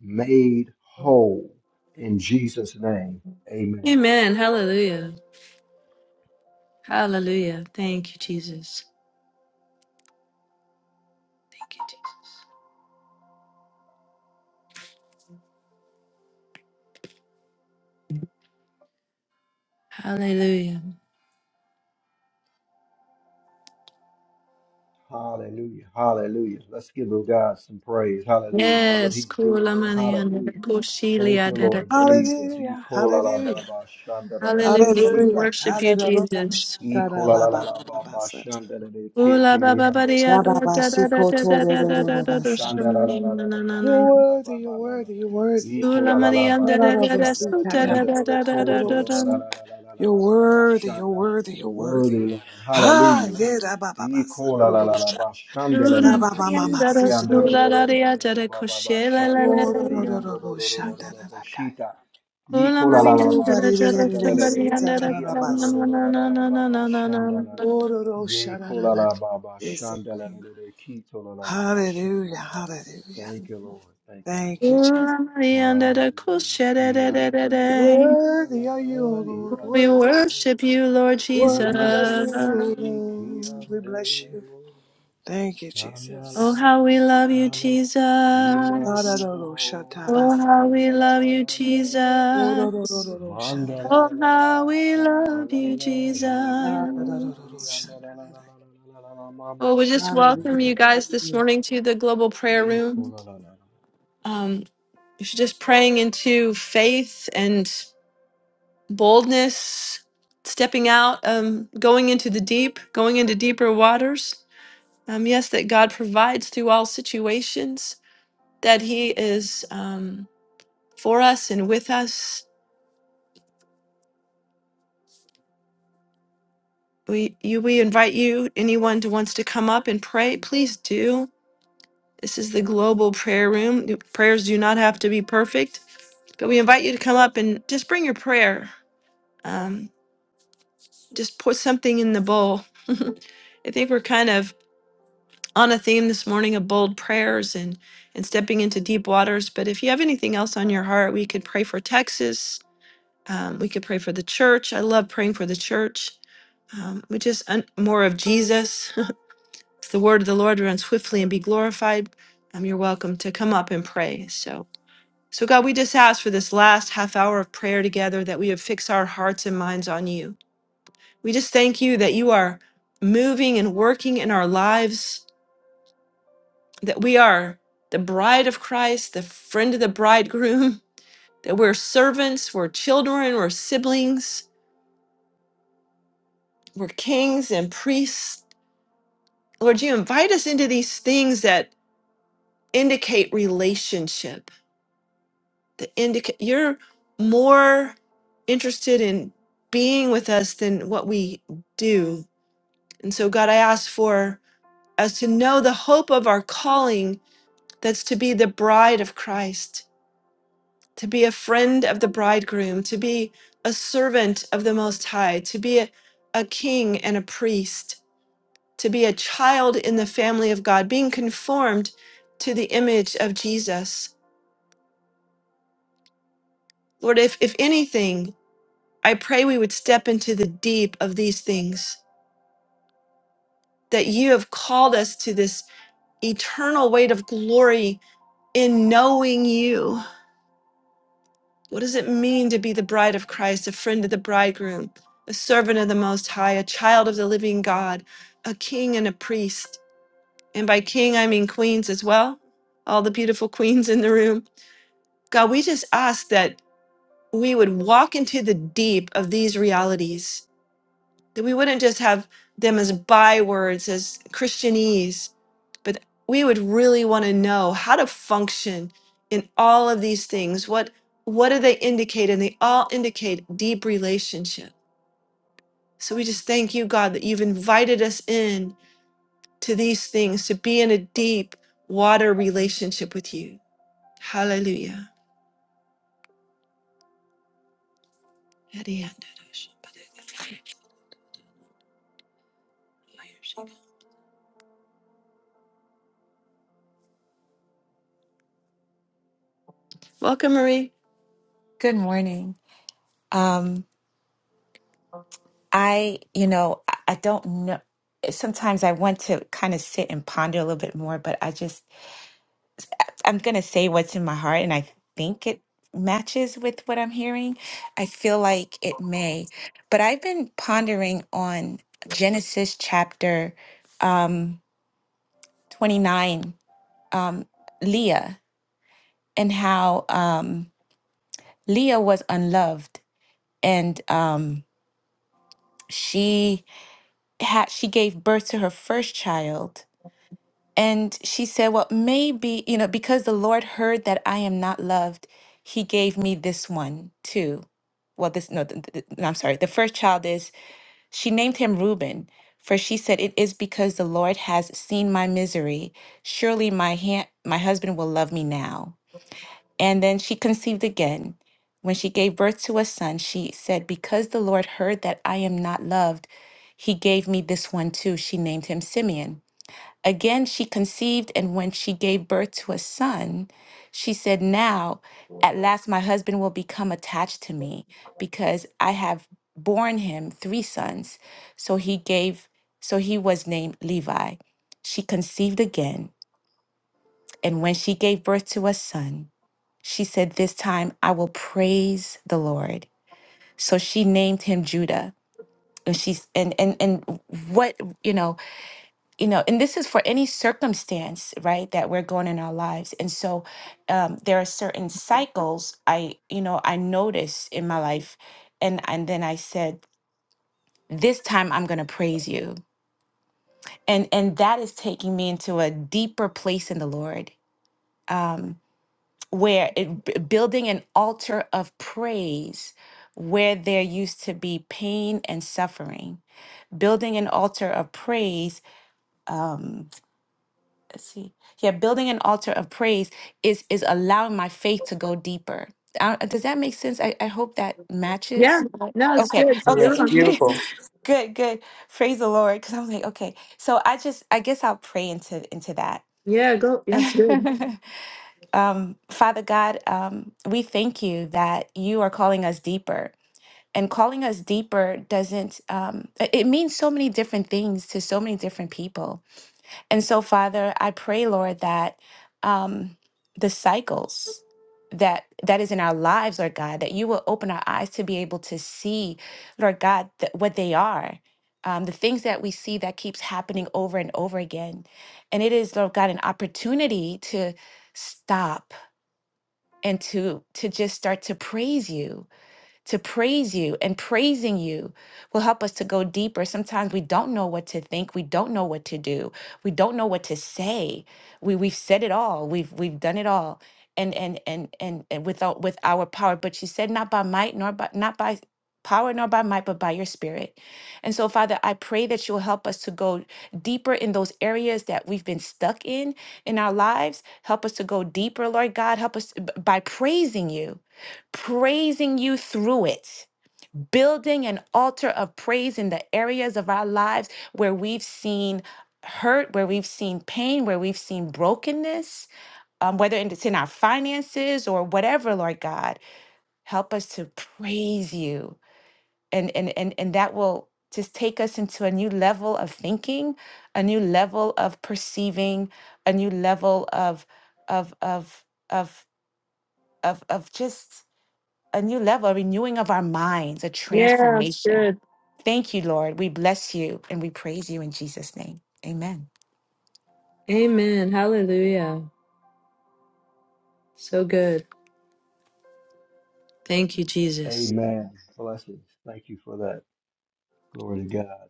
D: made whole in Jesus' name. Amen.
B: Amen. Hallelujah. Hallelujah. Thank you, Jesus. Thank you, Jesus. Hallelujah.
D: Hallelujah. Hallelujah. Let's give the God some praise. Hallelujah for what
B: Yes.
D: he's doing.
B: Kula mani andada
D: Hallelujah. Thank
B: kushilia
D: you,
B: dada
D: Lord
B: kudos.
D: Jesus. He
E: Hallelujah.
D: call
E: Hallelujah.
B: Hallelujah. We
E: Hallelujah.
B: worship you,
E: Hallelujah.
B: Jesus.
D: E cola la la la ba ba
E: Shakarabababababasa.
D: shanda la la
B: Kula
D: kete le
B: baba
D: ando
B: bari
D: cola
B: arra
D: lo lo lo lo
B: dada
D: lo lo
B: dada
D: lo lo
B: dada
D: bo bo bo
B: dada
D: bo
B: dada
E: Shababasikotorororobasa.
D: shanda la la
B: shamani
D: la
B: na
D: la la
B: na na
E: You're
D: yanda
B: na.
D: la la la
E: worthy,
D: ba
E: you're
D: ba ba ba
E: worthy, you're worthy.
D: E
B: Sula
D: cola la
B: mani
D: la ba
E: You're
D: ba
B: andada dada
D: shanda la la
B: suta
D: yanda
B: dada
D: lo lo
B: dada dada
D: koto lo lo
B: dada.
D: la la la la la la la la la ba
E: worthy, you're
D: shanda
E: worthy, you're worthy.
D: worthy Lord
E: Ah,
D: hallelujah we
E: yeah, da ba ba ba,
D: E
E: sa
D: cola
E: da
D: la
E: da da
D: la la
E: sha.
D: ba shanda la la
E: Da
B: Ura
D: la
E: ba
D: be
E: ba ma ma,
B: Marianda
E: si
D: sheki
B: da
E: da
D: ando
E: da da.
D: lo
B: Sula
D: lo lo lo lo
B: Daria
D: lo lo
B: Jada
D: ba ba ba
B: Koshela la
D: shanda
B: la
D: la
E: Oh,
D: la
E: da
B: la.
D: la
E: da da da
D: yanda lo
E: go
D: lo lo
E: sha,
D: lo lo
E: da
D: lo
E: da
D: bo
E: da ka ya.
D: shita
B: Ula
D: Yikola la la
E: Oh,
D: ba
B: Marianda
E: ba da
D: ba
B: da
E: da da
B: Jada
E: da
D: shanda la
E: da,
D: la la
E: si
D: la la
E: da
B: Sumbarianda
E: da
B: da
E: da
D: ki
E: da
B: na
E: ba
D: anda
B: na
D: lo
E: sa.
D: lo lo
B: na
D: la la
B: na
D: la
B: na
D: ba
B: na
D: ba
B: na na na
D: shanda la
B: na.
E: Oh, da da
D: ye
E: sha, da da
D: kola
E: da
D: la
E: ka.
D: ba ba
E: Yes, it
D: shanda la la
E: is.
D: la la ki to la la la ba shanda
E: Hallelujah,
D: la la la la.
E: hallelujah.
D: Thank you, Lord. Thank you, Lord.
E: Thank you, Jesus.
B: Ula Marianda da
D: Hallelujah.
B: Koshela
D: Ki
B: da da
D: anda
B: da
D: la la la la
B: da.
D: la la
E: Worthy are you, O
D: la la ye
E: Lord.
B: We
D: anda
E: Worthy,
D: lo
B: worship you, Lord
D: ye
B: Jesus.
E: worthy are you,
D: Lord
E: O
D: ye ki
E: Lord. We
D: anda
E: bless you.
D: lo
E: Thank you,
D: shanda la
B: Oh,
E: Jesus.
D: la
B: how
D: la
B: we love you,
D: shanda. We love you,
B: Jesus.
E: Arararo
B: Oh,
D: Lord.
E: shatabas.
B: how we
D: Yanda la
B: love
D: la
B: you,
D: la la.
B: Jesus.
E: Ororororo
D: Mandala la
B: Oh,
E: shandara.
D: la la
B: how we
D: masha la
B: love
D: la
B: you,
D: la lilo
E: Ararororo
B: Jesus.
D: yanda la la la
E: shandara.
D: la la la la la ma
B: Well,
D: ma
B: we just
D: sha la
E: Hallelujah.
B: welcome you guys this
E: Hallelujah.
B: morning to the Global Prayer Room.
D: la la la.
B: Um, if you're just praying into faith and boldness, stepping out, um, going into the deep, going into deeper waters. Um, yes, that God provides through all situations, that He is um, for us and with us. We, you, we invite you, anyone who wants to come up and pray, please do. This is the Global Prayer Room. Prayers do not have to be perfect But we invite you to come up and just bring your prayer. Um, just put something in the bowl. I think we're kind of on a theme this morning of bold prayers and and stepping into deep waters. But if you have anything else on your heart, we could pray for Texas. Um, we could pray for the church. I love praying for the church. Um, we just un- more of Jesus. It's the word of the Lord run swiftly and be glorified. Um, you're welcome to come up and pray. So. So, God, we just ask for this last half hour of prayer together that we would fix our hearts and minds on you. We just thank you that you are moving and working in our lives, that we are the bride of Christ, the friend of the bridegroom, that we're servants, we're children, we're siblings, we're kings and priests. Lord, you invite us into these things that indicate relationship the indica- you're more interested in being with us than what we do. And so, God, I ask for us to know the hope of our calling that's to be the bride of Christ, to be a friend of the bridegroom, to be a servant of the Most High, to be a, a king and a priest, to be a child in the family of God, being conformed to the image of Jesus. Lord, if, if anything, I pray we would step into the deep of these things, that you have called us to this eternal weight of glory in knowing you. What does it mean to be the bride of Christ, a friend of the bridegroom, a servant of the Most High, a child of the living God, a king and a priest? And by king, I mean queens as well, all the beautiful queens in the room. God, we just ask that we would walk into the deep of these realities That we wouldn't just have them as bywords, as Christianese, but we would really want to know how to function in all of these things. What what do they indicate? And they all indicate deep relationship. So we just thank you, God, that you've invited us in to these things to be in a deep water relationship with you. Hallelujah. Welcome, Marie.
F: Good morning. Um, I, you know, I I don't know. Sometimes I want to kind of sit and ponder a little bit more, but I just, I'm going to say what's in my heart, and I think it matches with what I'm hearing. I feel like it may. But I've been pondering on Genesis chapter um, 29, um, Leah, and how um, Leah was unloved, and um, she had she gave birth to her first child and she said well maybe you know because the lord heard that i am not loved he gave me this one too well this no, th- th- no i'm sorry the first child is she named him reuben for she said it is because the lord has seen my misery surely my hand my husband will love me now and then she conceived again. When she gave birth to a son, she said, Because the Lord heard that I am not loved, he gave me this one too. She named him Simeon. Again, she conceived, and when she gave birth to a son, she said, Now, at last, my husband will become attached to me because I have borne him three sons. So he gave, so he was named Levi. She conceived again and when she gave birth to a son, she said, This time I will praise the Lord. So she named him Judah. And she's and and and what you know, you know, and this is for any circumstance, right, that we're going in our lives. And so um there are certain cycles I, you know, I notice in my life. And and then I said, This time I'm gonna praise you. And and that is taking me into a deeper place in the Lord. Um, where it, b- building an altar of praise where there used to be pain and suffering building an altar of praise um let's see yeah building an altar of praise is is allowing my faith to go deeper I, does that make sense I, I hope that matches
B: Yeah,
F: Yeah.
B: no, it's
F: okay
B: good. You're
E: Yes,
B: on.
F: okay
E: beautiful.
F: good good praise the lord because i was like okay so i just i guess i'll pray into into that
B: Yeah, go. Yeah, it's good.
F: Um, Father God, um, we thank you that you are calling us deeper. And calling us deeper doesn't, um, it it means so many different things to so many different people. And so, Father, I pray, Lord, that um, the cycles, that that is in our lives lord god that you will open our eyes to be able to see lord god th- what they are um, the things that we see that keeps happening over and over again and it is lord god an opportunity to stop and to to just start to praise you to praise you and praising you will help us to go deeper. Sometimes we don't know what to think, we don't know what to do, we don't know what to say. We we've said it all, we've we've done it all. And and and and, and without with our power. But you said not by might nor by not by power nor by might, but by your spirit. And so, Father, I pray that you'll help us to go deeper in those areas that we've been stuck in in our lives. Help us to go deeper, Lord God. Help us b- by praising you praising you through it, building an altar of praise in the areas of our lives where we've seen hurt, where we've seen pain, where we've seen brokenness, um, whether it's in our finances or whatever, Lord God, help us to praise you. And, and, and, and that will just take us into a new level of thinking, a new level of perceiving, a new level of, of, of, of, of, of just a new level, a renewing of our minds, a
B: Yeah, it's
F: transformation.
B: good.
F: Thank you, Lord. We bless you and we praise you in Jesus' name. Amen.
B: Amen. Hallelujah. So good. Thank you, Jesus.
D: Amen. Blessings. Thank you for that. Glory to God.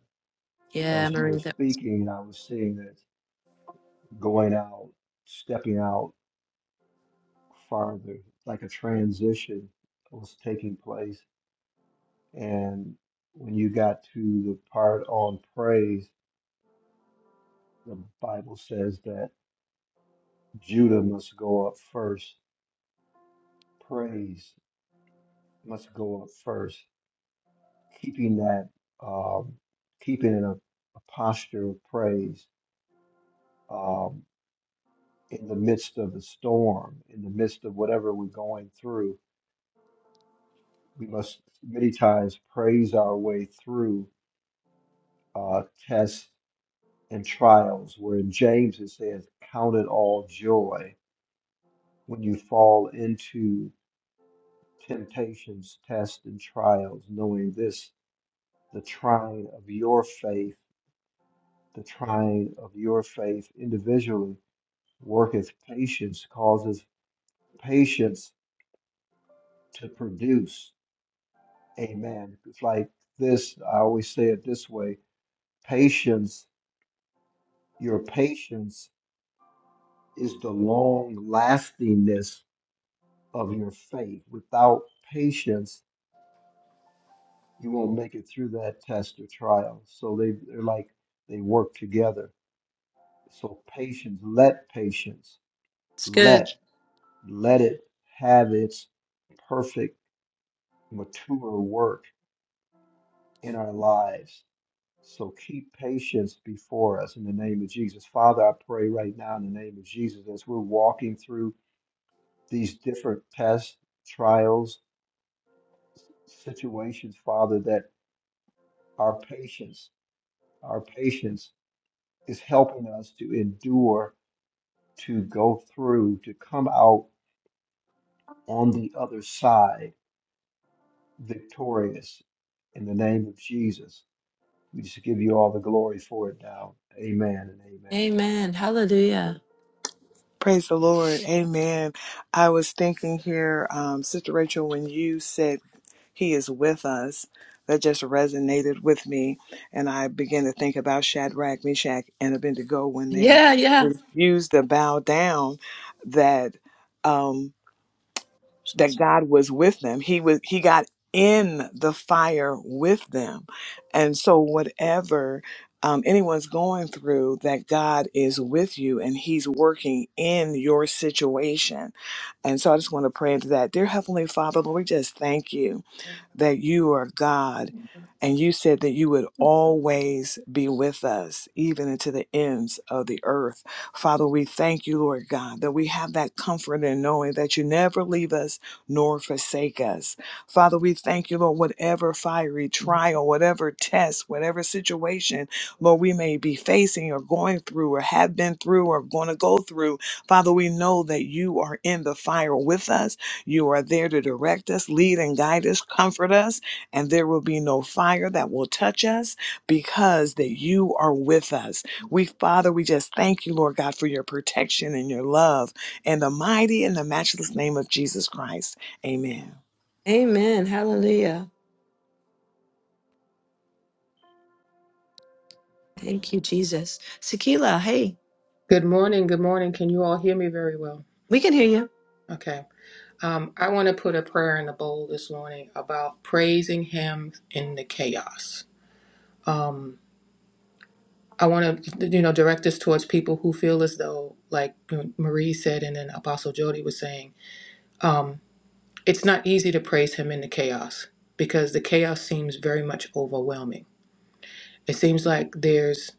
B: Yeah,
D: As you were
B: Marie, that-
D: speaking, I was seeing that going out, stepping out farther, like a transition was taking place. And when you got to the part on praise, the Bible says that Judah must go up first praise must go up first, keeping that, um, keeping in a, a posture of praise um, in the midst of the storm, in the midst of whatever we're going through. We must many times praise our way through uh, tests and trials, where in James it says, Count it all joy when you fall into temptations, tests, and trials, knowing this, the trying of your faith the trying of your faith individually worketh patience, causes patience to produce. Amen. It's like this, I always say it this way patience, your patience is the long lastingness of your faith. Without patience, you won't make it through that test or trial. So they, they're like they work together. So patience, let patience,
B: It's good.
D: let, let it have its perfect mature work in our lives. So keep patience before us in the name of Jesus. Father, I pray right now in the name of Jesus as we're walking through these different tests, trials, situations, Father, that our patience, our patience is helping us to endure, to go through, to come out on the other side victorious in the name of Jesus. We just give you all the glory for it now. Amen and amen.
B: Amen. Hallelujah.
E: Praise the Lord. Amen. I was thinking here, um, Sister Rachel, when you said he is with us, that just resonated with me. And I began to think about Shadrach, Meshach, and Abednego when they
B: Yeah, yeah.
E: refused to bow down, that. um, that God was with them. He was he got in the fire with them. And so whatever um, anyone's going through that God is with you and he's working in your situation. And so I just want to pray into that. Dear Heavenly Father, Lord, we just thank you that you are God. And you said that you would always be with us, even into the ends of the earth. Father, we thank you, Lord God, that we have that comfort in knowing that you never leave us nor forsake us. Father, we thank you, Lord, whatever fiery trial, whatever test, whatever situation, Lord, we may be facing or going through or have been through or going to go through. Father, we know that you are in the fire with us you are there to direct us, lead and guide us, comfort us, and there will be no fire that will touch us because that you are with us. We, Father, we just thank you, Lord God, for your protection and your love in the mighty and the matchless name of Jesus Christ. Amen.
B: Amen. Hallelujah. Thank you, Jesus. Sakila, hey,
G: Good morning. Good morning. Can you all hear me very well?
B: we can hear you.
G: Okay. Um, I want to put a prayer in the bowl this morning about praising Him in the chaos. Um, I want to, you know, direct this towards people who feel as though, like Marie said, and then Apostle Jody was saying, um, it's not easy to praise Him in the chaos because the chaos seems very much overwhelming. It seems like there's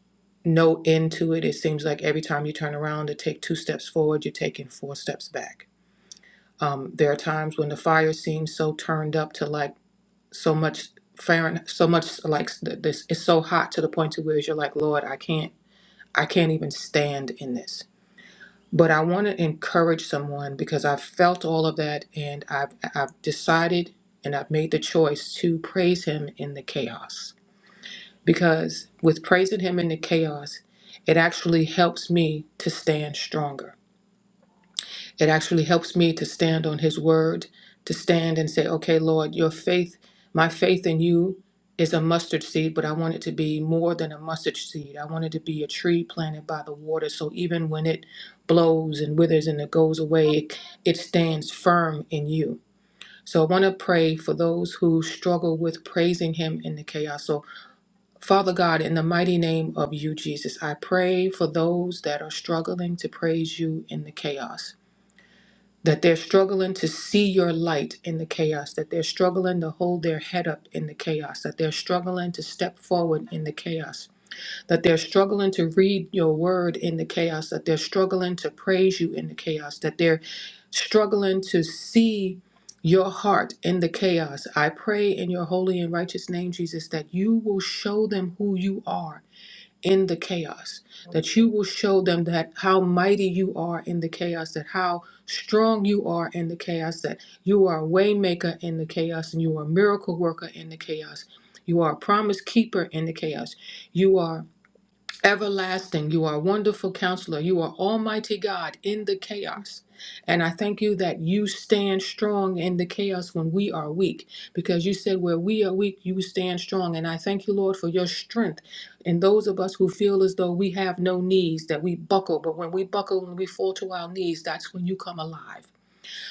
G: no end to it. It seems like every time you turn around to take two steps forward, you're taking four steps back Um, there are times when the fire seems so turned up to like so much Fahrenheit, so much like s- th- this. It's so hot to the point to where you're like, Lord, I can't, I can't even stand in this. But I want to encourage someone because I've felt all of that, and I've I've decided and I've made the choice to praise Him in the chaos. Because with praising Him in the chaos, it actually helps me to stand stronger It actually helps me to stand on His word, to stand and say, okay, Lord, your faith, my faith in you is a mustard seed, but I want it to be more than a mustard seed. I want it to be a tree planted by the water. So even when it blows and withers and it goes away, it, it stands firm in you. So I want to pray for those who struggle with praising Him in the chaos. So, Father God, in the mighty name of you, Jesus, I pray for those that are struggling to praise you in the chaos that they're struggling to see your light in the chaos, that they're struggling to hold their head up in the chaos, that they're struggling to step forward in the chaos, that they're struggling to read your word in the chaos, that they're struggling to praise you in the chaos, that they're struggling to see your heart in the chaos. I pray in your holy and righteous name, Jesus, that you will show them who you are in the chaos, that you will show them that how mighty you are in the chaos, that how strong you are in the chaos, that you are a waymaker in the chaos, and you are a miracle worker in the chaos. You are a promise keeper in the chaos. You are Everlasting, you are a wonderful counselor. You are Almighty God in the chaos. And I thank you that you stand strong in the chaos when we are weak, because you said, Where we are weak, you stand strong. And I thank you, Lord, for your strength. And those of us who feel as though we have no knees, that we buckle, but when we buckle when we fall to our knees, that's when you come alive.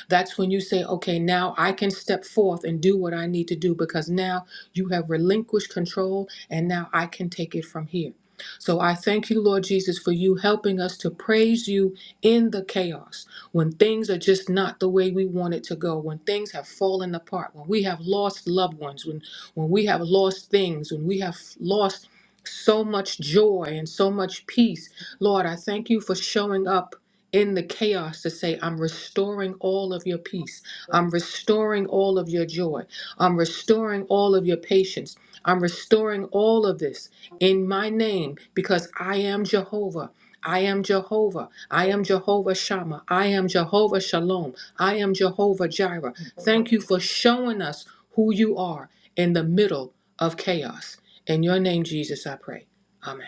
G: That's when you say, okay, now I can step forth and do what I need to do because now you have relinquished control and now I can take it from here. So I thank you, Lord Jesus, for you helping us to praise you in the chaos when things are just not the way we want it to go, when things have fallen apart, when we have lost loved ones, when, when we have lost things, when we have lost so much joy and so much peace. Lord, I thank you for showing up in the chaos to say, I'm restoring all of your peace. I'm restoring all of your joy. I'm restoring all of your patience. I'm restoring all of this in my name because I am Jehovah. I am Jehovah. I am Jehovah Shammah. I am Jehovah Shalom. I am Jehovah Jireh. Thank you for showing us who you are in the middle of chaos. In your name, Jesus, I pray. Amen.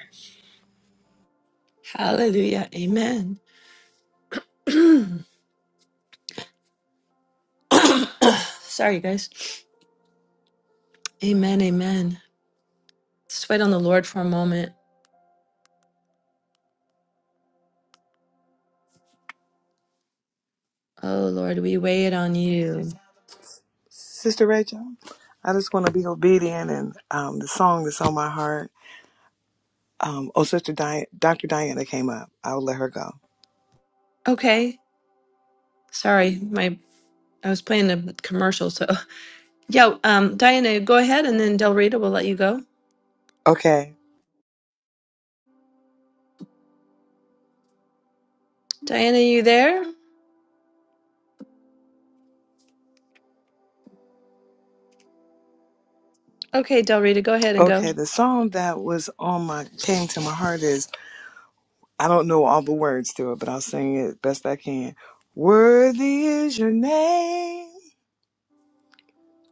B: Hallelujah. Amen. Sorry, guys. Amen. Amen. Just wait on the Lord for a moment. Oh, Lord, we wait on you.
E: Sister Rachel, I just want to be obedient and um, the song that's on my heart. Um, oh, Sister Di- Dr. Diana came up. I'll let her go.
B: Okay. Sorry, my I was playing a commercial, so Yeah, um, Diana, go ahead, and then Del Rita will let you go.
E: Okay.
B: Diana, you there? Okay, Del Rita, go ahead and go.
E: Okay. The song that was on my came to my heart is I don't know all the words to it, but I'll sing it best I can. Worthy is your name,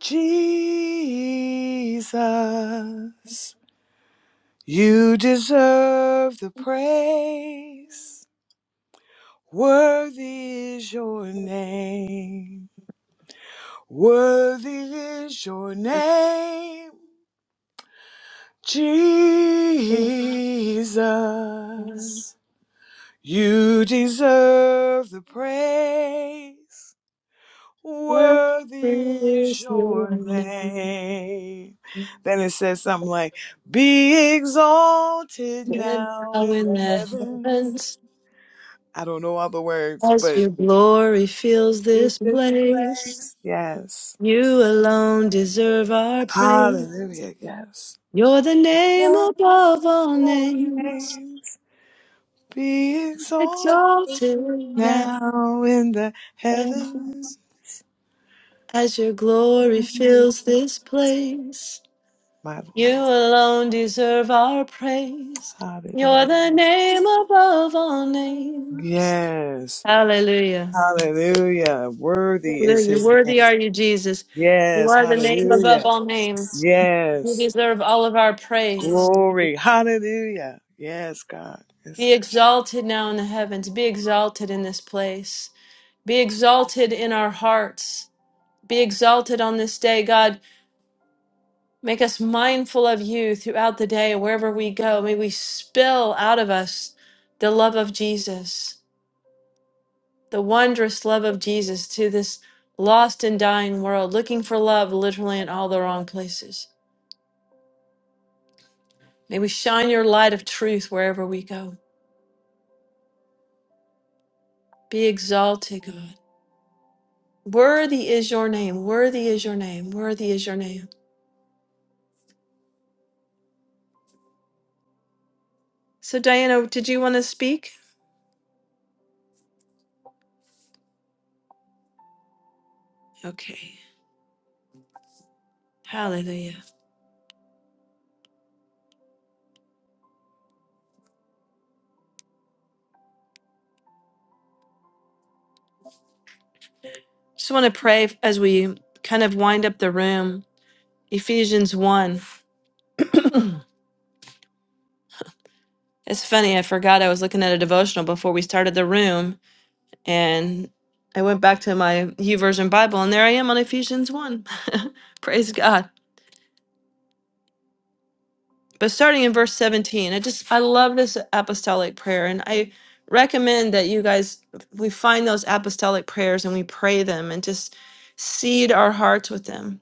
E: Jesus. You deserve the praise. Worthy is your name. Worthy is your name, Jesus. You deserve the praise.
B: What
E: Worthy is
B: is your
E: your
B: name?
E: name. Then it says something like, Be exalted
B: Said
E: now
B: now
E: in
B: in
E: the
B: the
E: heavens.
B: heavens,
E: I don't know all the words,
B: as
E: but
B: your glory fills
E: in
B: this
E: this
B: place.
E: place. Yes.
B: You alone deserve our praise.
E: Hallelujah. Yes.
B: You're the name
E: Let
B: above all
E: your
B: names,
E: names Be exalted
B: exalted now
E: now in the
B: and
E: heavens.
B: as your glory fills this place.
E: My Lord.
B: You alone deserve our praise. You're
E: Hallelujah.
B: the name above all names.
E: Yes.
B: Hallelujah.
E: Hallelujah. Worthy is
B: Hallelujah.
E: his name.
B: Worthy are you, Jesus. You
E: Yes.
B: are the name above
E: Hallelujah.
B: all names. You
E: Yes.
B: deserve all of our praise.
E: Glory. Hallelujah. Yes, God. Yes,
B: Be
E: God.
B: exalted now in the heavens. Be exalted in this place. Be exalted in our hearts. Be exalted on this day, God. Make us mindful of you throughout the day, wherever we go. May we spill out of us the love of Jesus. the wondrous love of Jesus to this lost and dying world, looking for love literally in all the wrong places. May we shine your light of truth wherever we go. Be exalted, God. Worthy is your name. Worthy is your name. Worthy is your name. So, Diana, did you want to speak? Okay. Hallelujah. Just want to pray as we kind of wind up the room. Ephesians 1. It's funny, I forgot I was looking at a devotional before we started the room And I went back to my Version Bible, and there I am on Ephesians 1. Praise God. But starting in verse 17, I just, I love this apostolic prayer. And I recommend that you guys, we find those apostolic prayers and we pray them and just seed our hearts with them.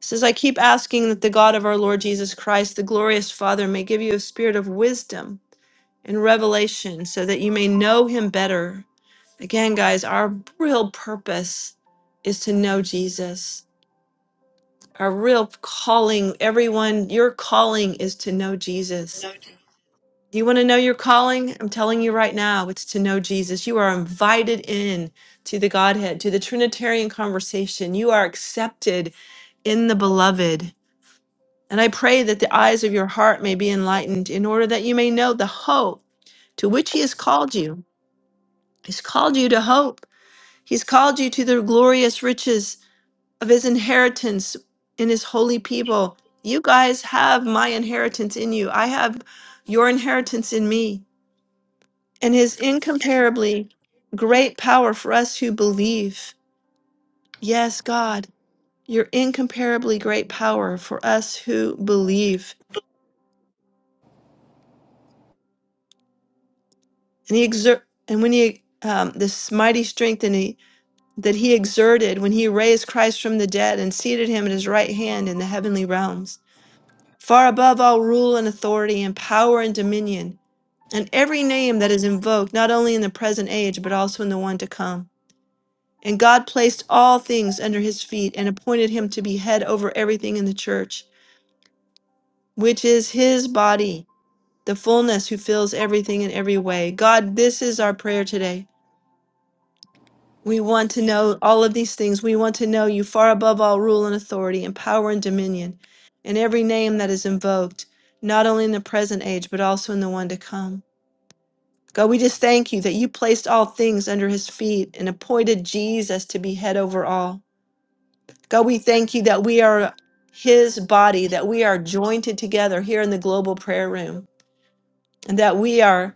B: It says, I keep asking that the God of our Lord Jesus Christ, the glorious Father, may give you a spirit of wisdom and revelation so that you may know him better Again, guys, our real purpose is to know Jesus. Our real calling, everyone, your calling is to know Jesus. You want to know your calling? I'm telling you right now, it's to know Jesus. You are invited in to the Godhead, to the Trinitarian conversation. You are accepted in the beloved. And I pray that the eyes of your heart may be enlightened in order that you may know the hope to which he has called you. He's called you to hope. He's called you to the glorious riches of his inheritance in his holy people. You guys have my inheritance in you. I have your inheritance in me and his incomparably great power for us who believe. Yes, God, your incomparably great power for us who believe. And he exert and when he um, this mighty strength and he, that he exerted when he raised Christ from the dead and seated him at his right hand in the heavenly realms, far above all rule and authority and power and dominion and every name that is invoked, not only in the present age, but also in the one to come. And God placed all things under his feet and appointed him to be head over everything in the church, which is his body, the fullness who fills everything in every way. God, this is our prayer today. We want to know all of these things. We want to know you far above all rule and authority and power and dominion, and every name that is invoked, not only in the present age, but also in the one to come. God, we just thank you that you placed all things under his feet and appointed Jesus to be head over all. God, we thank you that we are his body, that we are jointed together here in the global prayer room, and that we are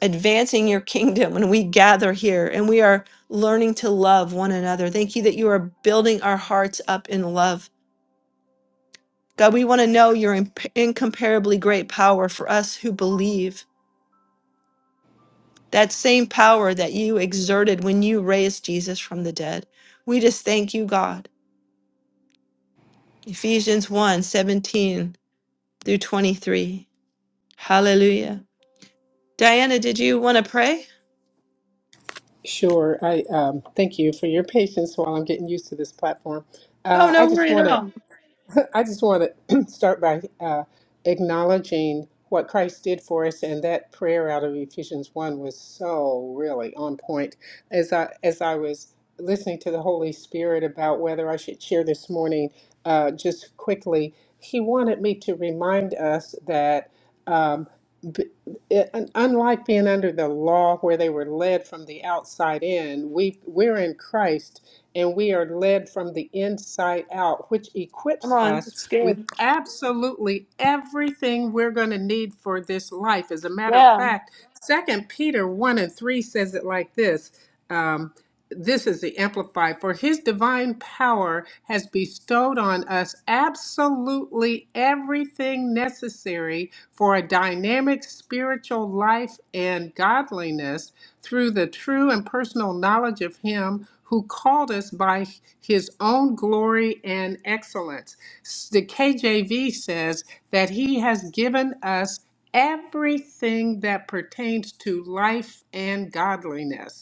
B: advancing your kingdom when we gather here and we are learning to love one another. Thank you that you are building our hearts up in love. God, we want to know your imp- incomparably great power for us who believe. that same power that you exerted when you raised Jesus from the dead. We just thank you, God. Ephesians one 17 through 23. Hallelujah. Diana, did you want to pray?
H: Sure. I um, thank you for your patience while I'm getting used to this platform.
B: Oh,
H: Uh, I
B: no
H: just
B: worry at
H: want to
B: all.
H: I just want to start by uh, acknowledging what Christ did for us, and that prayer out of Ephesians one was so really on point. As I as I was listening to the Holy Spirit about whether I should share this morning, uh, just quickly, He wanted me to remind us that. Um, b- it- un- unlike being under the law where they were led from the outside in we we're in christ and we are led from the inside out, which
B: Come
H: equips
B: on.
H: us
B: It's
H: with absolutely everything we're going to need for this life. As a matter of fact, Second Peter one and three says it like this. Um, this is the amplified for his divine power has bestowed on us absolutely everything necessary for a dynamic spiritual life and godliness through the true and personal knowledge of Him who called us by His own glory and excellence. The KJV says that He has given us everything that pertains to life and godliness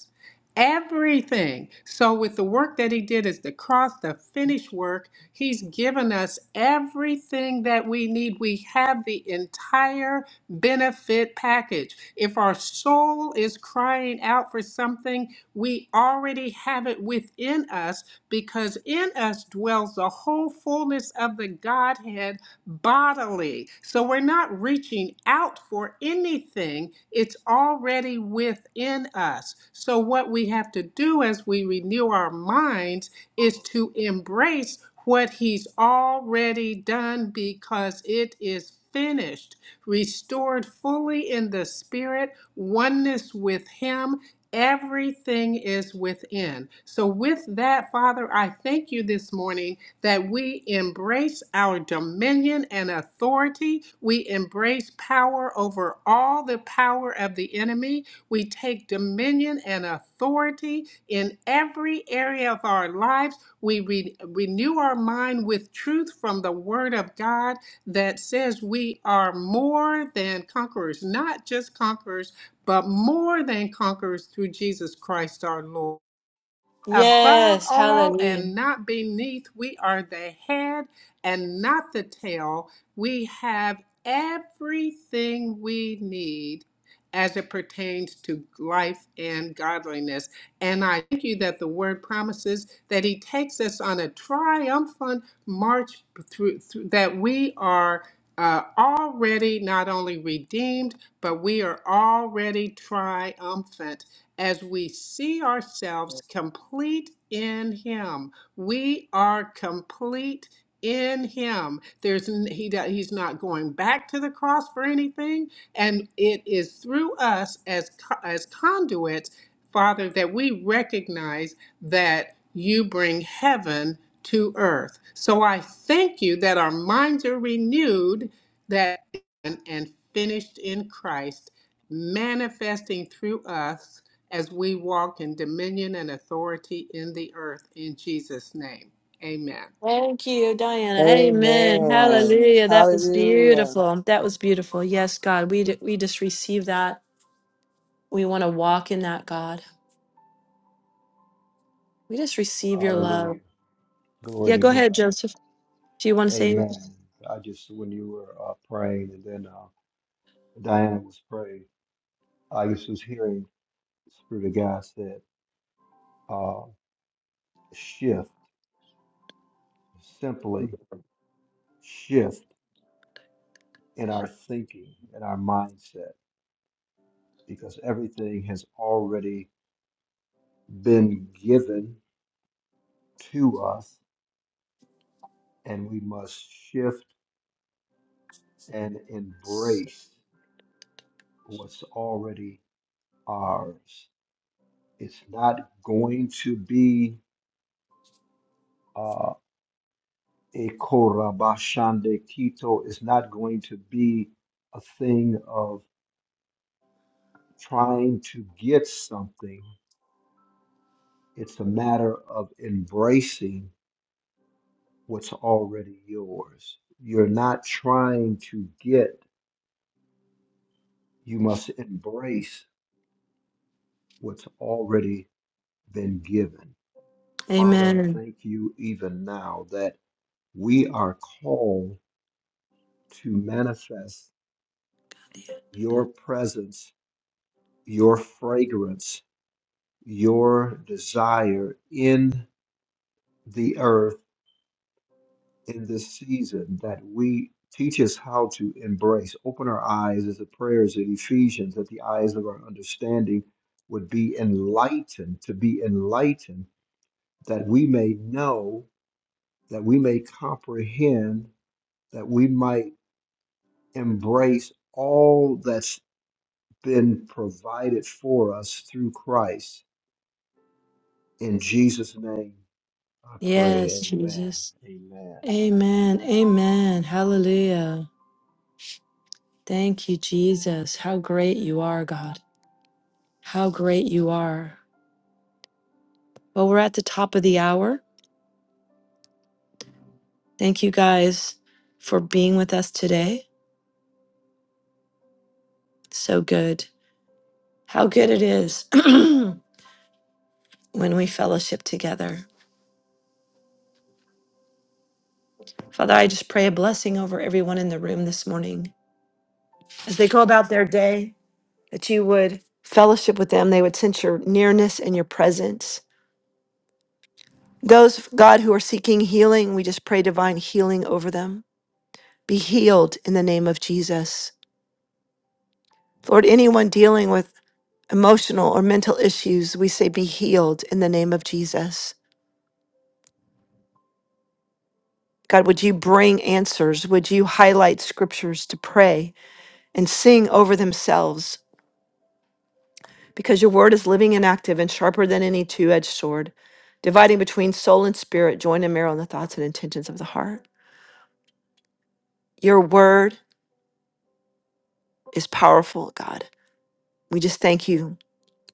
H: everything. So, with the work that he did as the cross, the finished work, he's given us everything that we need. We have the entire benefit package. If our soul is crying out for something, we already have it within us because in us dwells the whole fullness of the Godhead bodily. So we're not reaching out for anything, it's already within us. So, what we have to do as we renew our minds is to embrace what He's already done because it is finished, restored fully in the Spirit, oneness with Him. Everything is within. So, with that, Father, I thank you this morning that we embrace our dominion and authority. We embrace power over all the power of the enemy. We take dominion and authority in every area of our lives. We re- renew our mind with truth from the Word of God that says we are more than conquerors, not just conquerors, but more than conquerors through Jesus Christ our Lord.
B: good.
H: Above
B: Yes.
H: all
B: Hallelujah.
H: and not beneath, we are the head and not the tail. We have everything we need as it pertains to life and godliness. And I thank you that the word promises that he takes us on a triumphant march through, through that we are uh, already not only redeemed, but we are already triumphant as we see ourselves complete in Him. We are complete in Him. There's he do- He's not going back to the cross for anything, and it is through us as co- as conduits, Father, that we recognize that You bring heaven to earth. So I thank You that our minds are renewed, that and and finished in Christ manifesting through us as we walk in dominion and authority in the earth in Jesus' name. Amen.
B: Thank you, Diana. Amen.
E: Amen.
B: Hallelujah. That was
E: Hallelujah.
B: beautiful. That was beautiful. Yes, God. We, d- we just receive that. We want to walk in that, God. We just receive your
D: Hallelujah.
B: love.
D: Glory
B: Yeah,
D: to
B: go ahead,
D: God.
B: Joseph. Do you want to say anything?
D: Amen. I just, when you were uh, praying and then uh, Diana was praying, I just was hearing the Spirit of God said, uh, shift, simply shift in our thinking, in our mindset, because everything has already been given to us and we must shift and embrace what's already ours. It's not going to be uh, a korabashande kito is not going to be a thing of trying to get something. It's a matter of embracing what's already yours. You're not trying to get, you must embrace what's already been given. Father, I
B: Amen.
D: thank you even now that we are called to manifest your presence, your fragrance your desire in the earth in this season that we teach us how to embrace. Open our eyes as the prayers of Ephesians, that the eyes of our understanding would be enlightened, to be enlightened, that we may know, that we may comprehend, that we might embrace all that's been provided for us through Christ. In Jesus' name, I
B: Yes,
D: pray. Amen.
B: Jesus.
D: Amen.
B: Amen. Amen. Hallelujah. Thank you, Jesus. How great you are, God. How great you are. Well, we're at the top of the hour. Thank you guys for being with us today. So good. How good it is when we fellowship together. Father, I just pray a blessing over everyone in the room this morning as they go about their day, that you would fellowship with them. They would sense your nearness and your presence Those, God, who are seeking healing, we just pray divine healing over them. Be healed in the name of Jesus. Lord, anyone dealing with emotional or mental issues, we say be healed in the name of Jesus. God, would you bring answers? Would you highlight scriptures to pray and sing over themselves? Because your word is living and active and sharper than any two edged sword, dividing between soul and spirit, joint and marrow, and the thoughts and intentions of the heart. Your word is powerful, God. We just thank you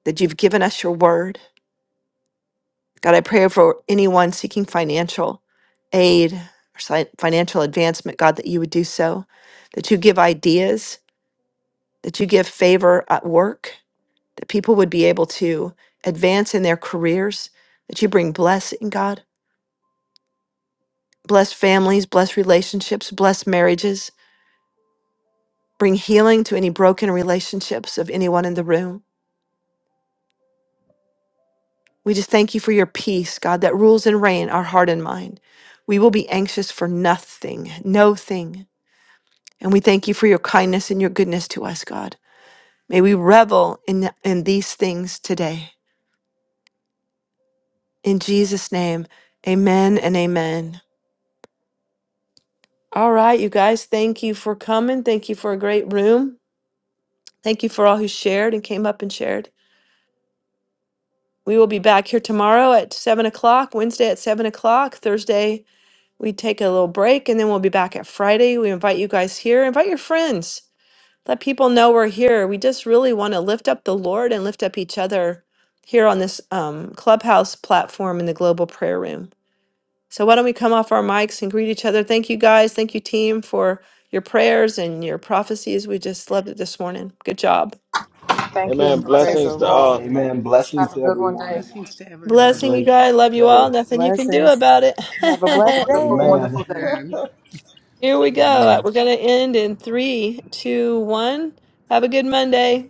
B: that you've given us your word. God, I pray for anyone seeking financial aid or si- financial advancement, God, that you would do so, that you give ideas, that you give favor at work, that people would be able to advance in their careers, that you bring blessing, God. Bless families, bless relationships, bless marriages, bring healing to any broken relationships of anyone in the room. We just thank you for your peace, God, that rules and reign our heart and mind. We will be anxious for nothing, no thing. And we thank you for your kindness and your goodness to us, God. May we revel in, in these things today. In Jesus' name, amen and amen. All right, you guys, thank you for coming. Thank you for a great room. Thank you for all who shared and came up and shared. We will be back here tomorrow at 7 o'clock, Wednesday at 7 o'clock, Thursday we take a little break and then we'll be back at Friday. We invite you guys here. Invite your friends. Let people know we're here. We just really want to lift up the Lord and lift up each other here on this um, clubhouse platform in the global prayer room. So, why don't we come off our mics and greet each other? Thank you guys. Thank you, team, for your prayers and your prophecies. We just loved it this morning. Good job.
G: Thank you.
C: Amen.
G: Blessings
E: Praise
G: to
E: the
C: Blessings to
G: you
C: all.
G: all.
E: Lord.
D: Amen. Blessings
G: Have a
D: to
G: good one
D: everyone.
G: day.
H: Blessings to
D: Have a
H: everyone.
B: Blessing you
D: great
B: guys. Love you
D: day.
B: all. Nothing you can do
E: Blessings.
B: about
E: Have a
G: Have a
E: blessed
B: it.
G: wonderful,
E: day.
D: Amen.
G: wonderful day.
H: Amen.
B: here we go.
D: Amen.
B: We're going to end in three, two, one. Have a good Monday.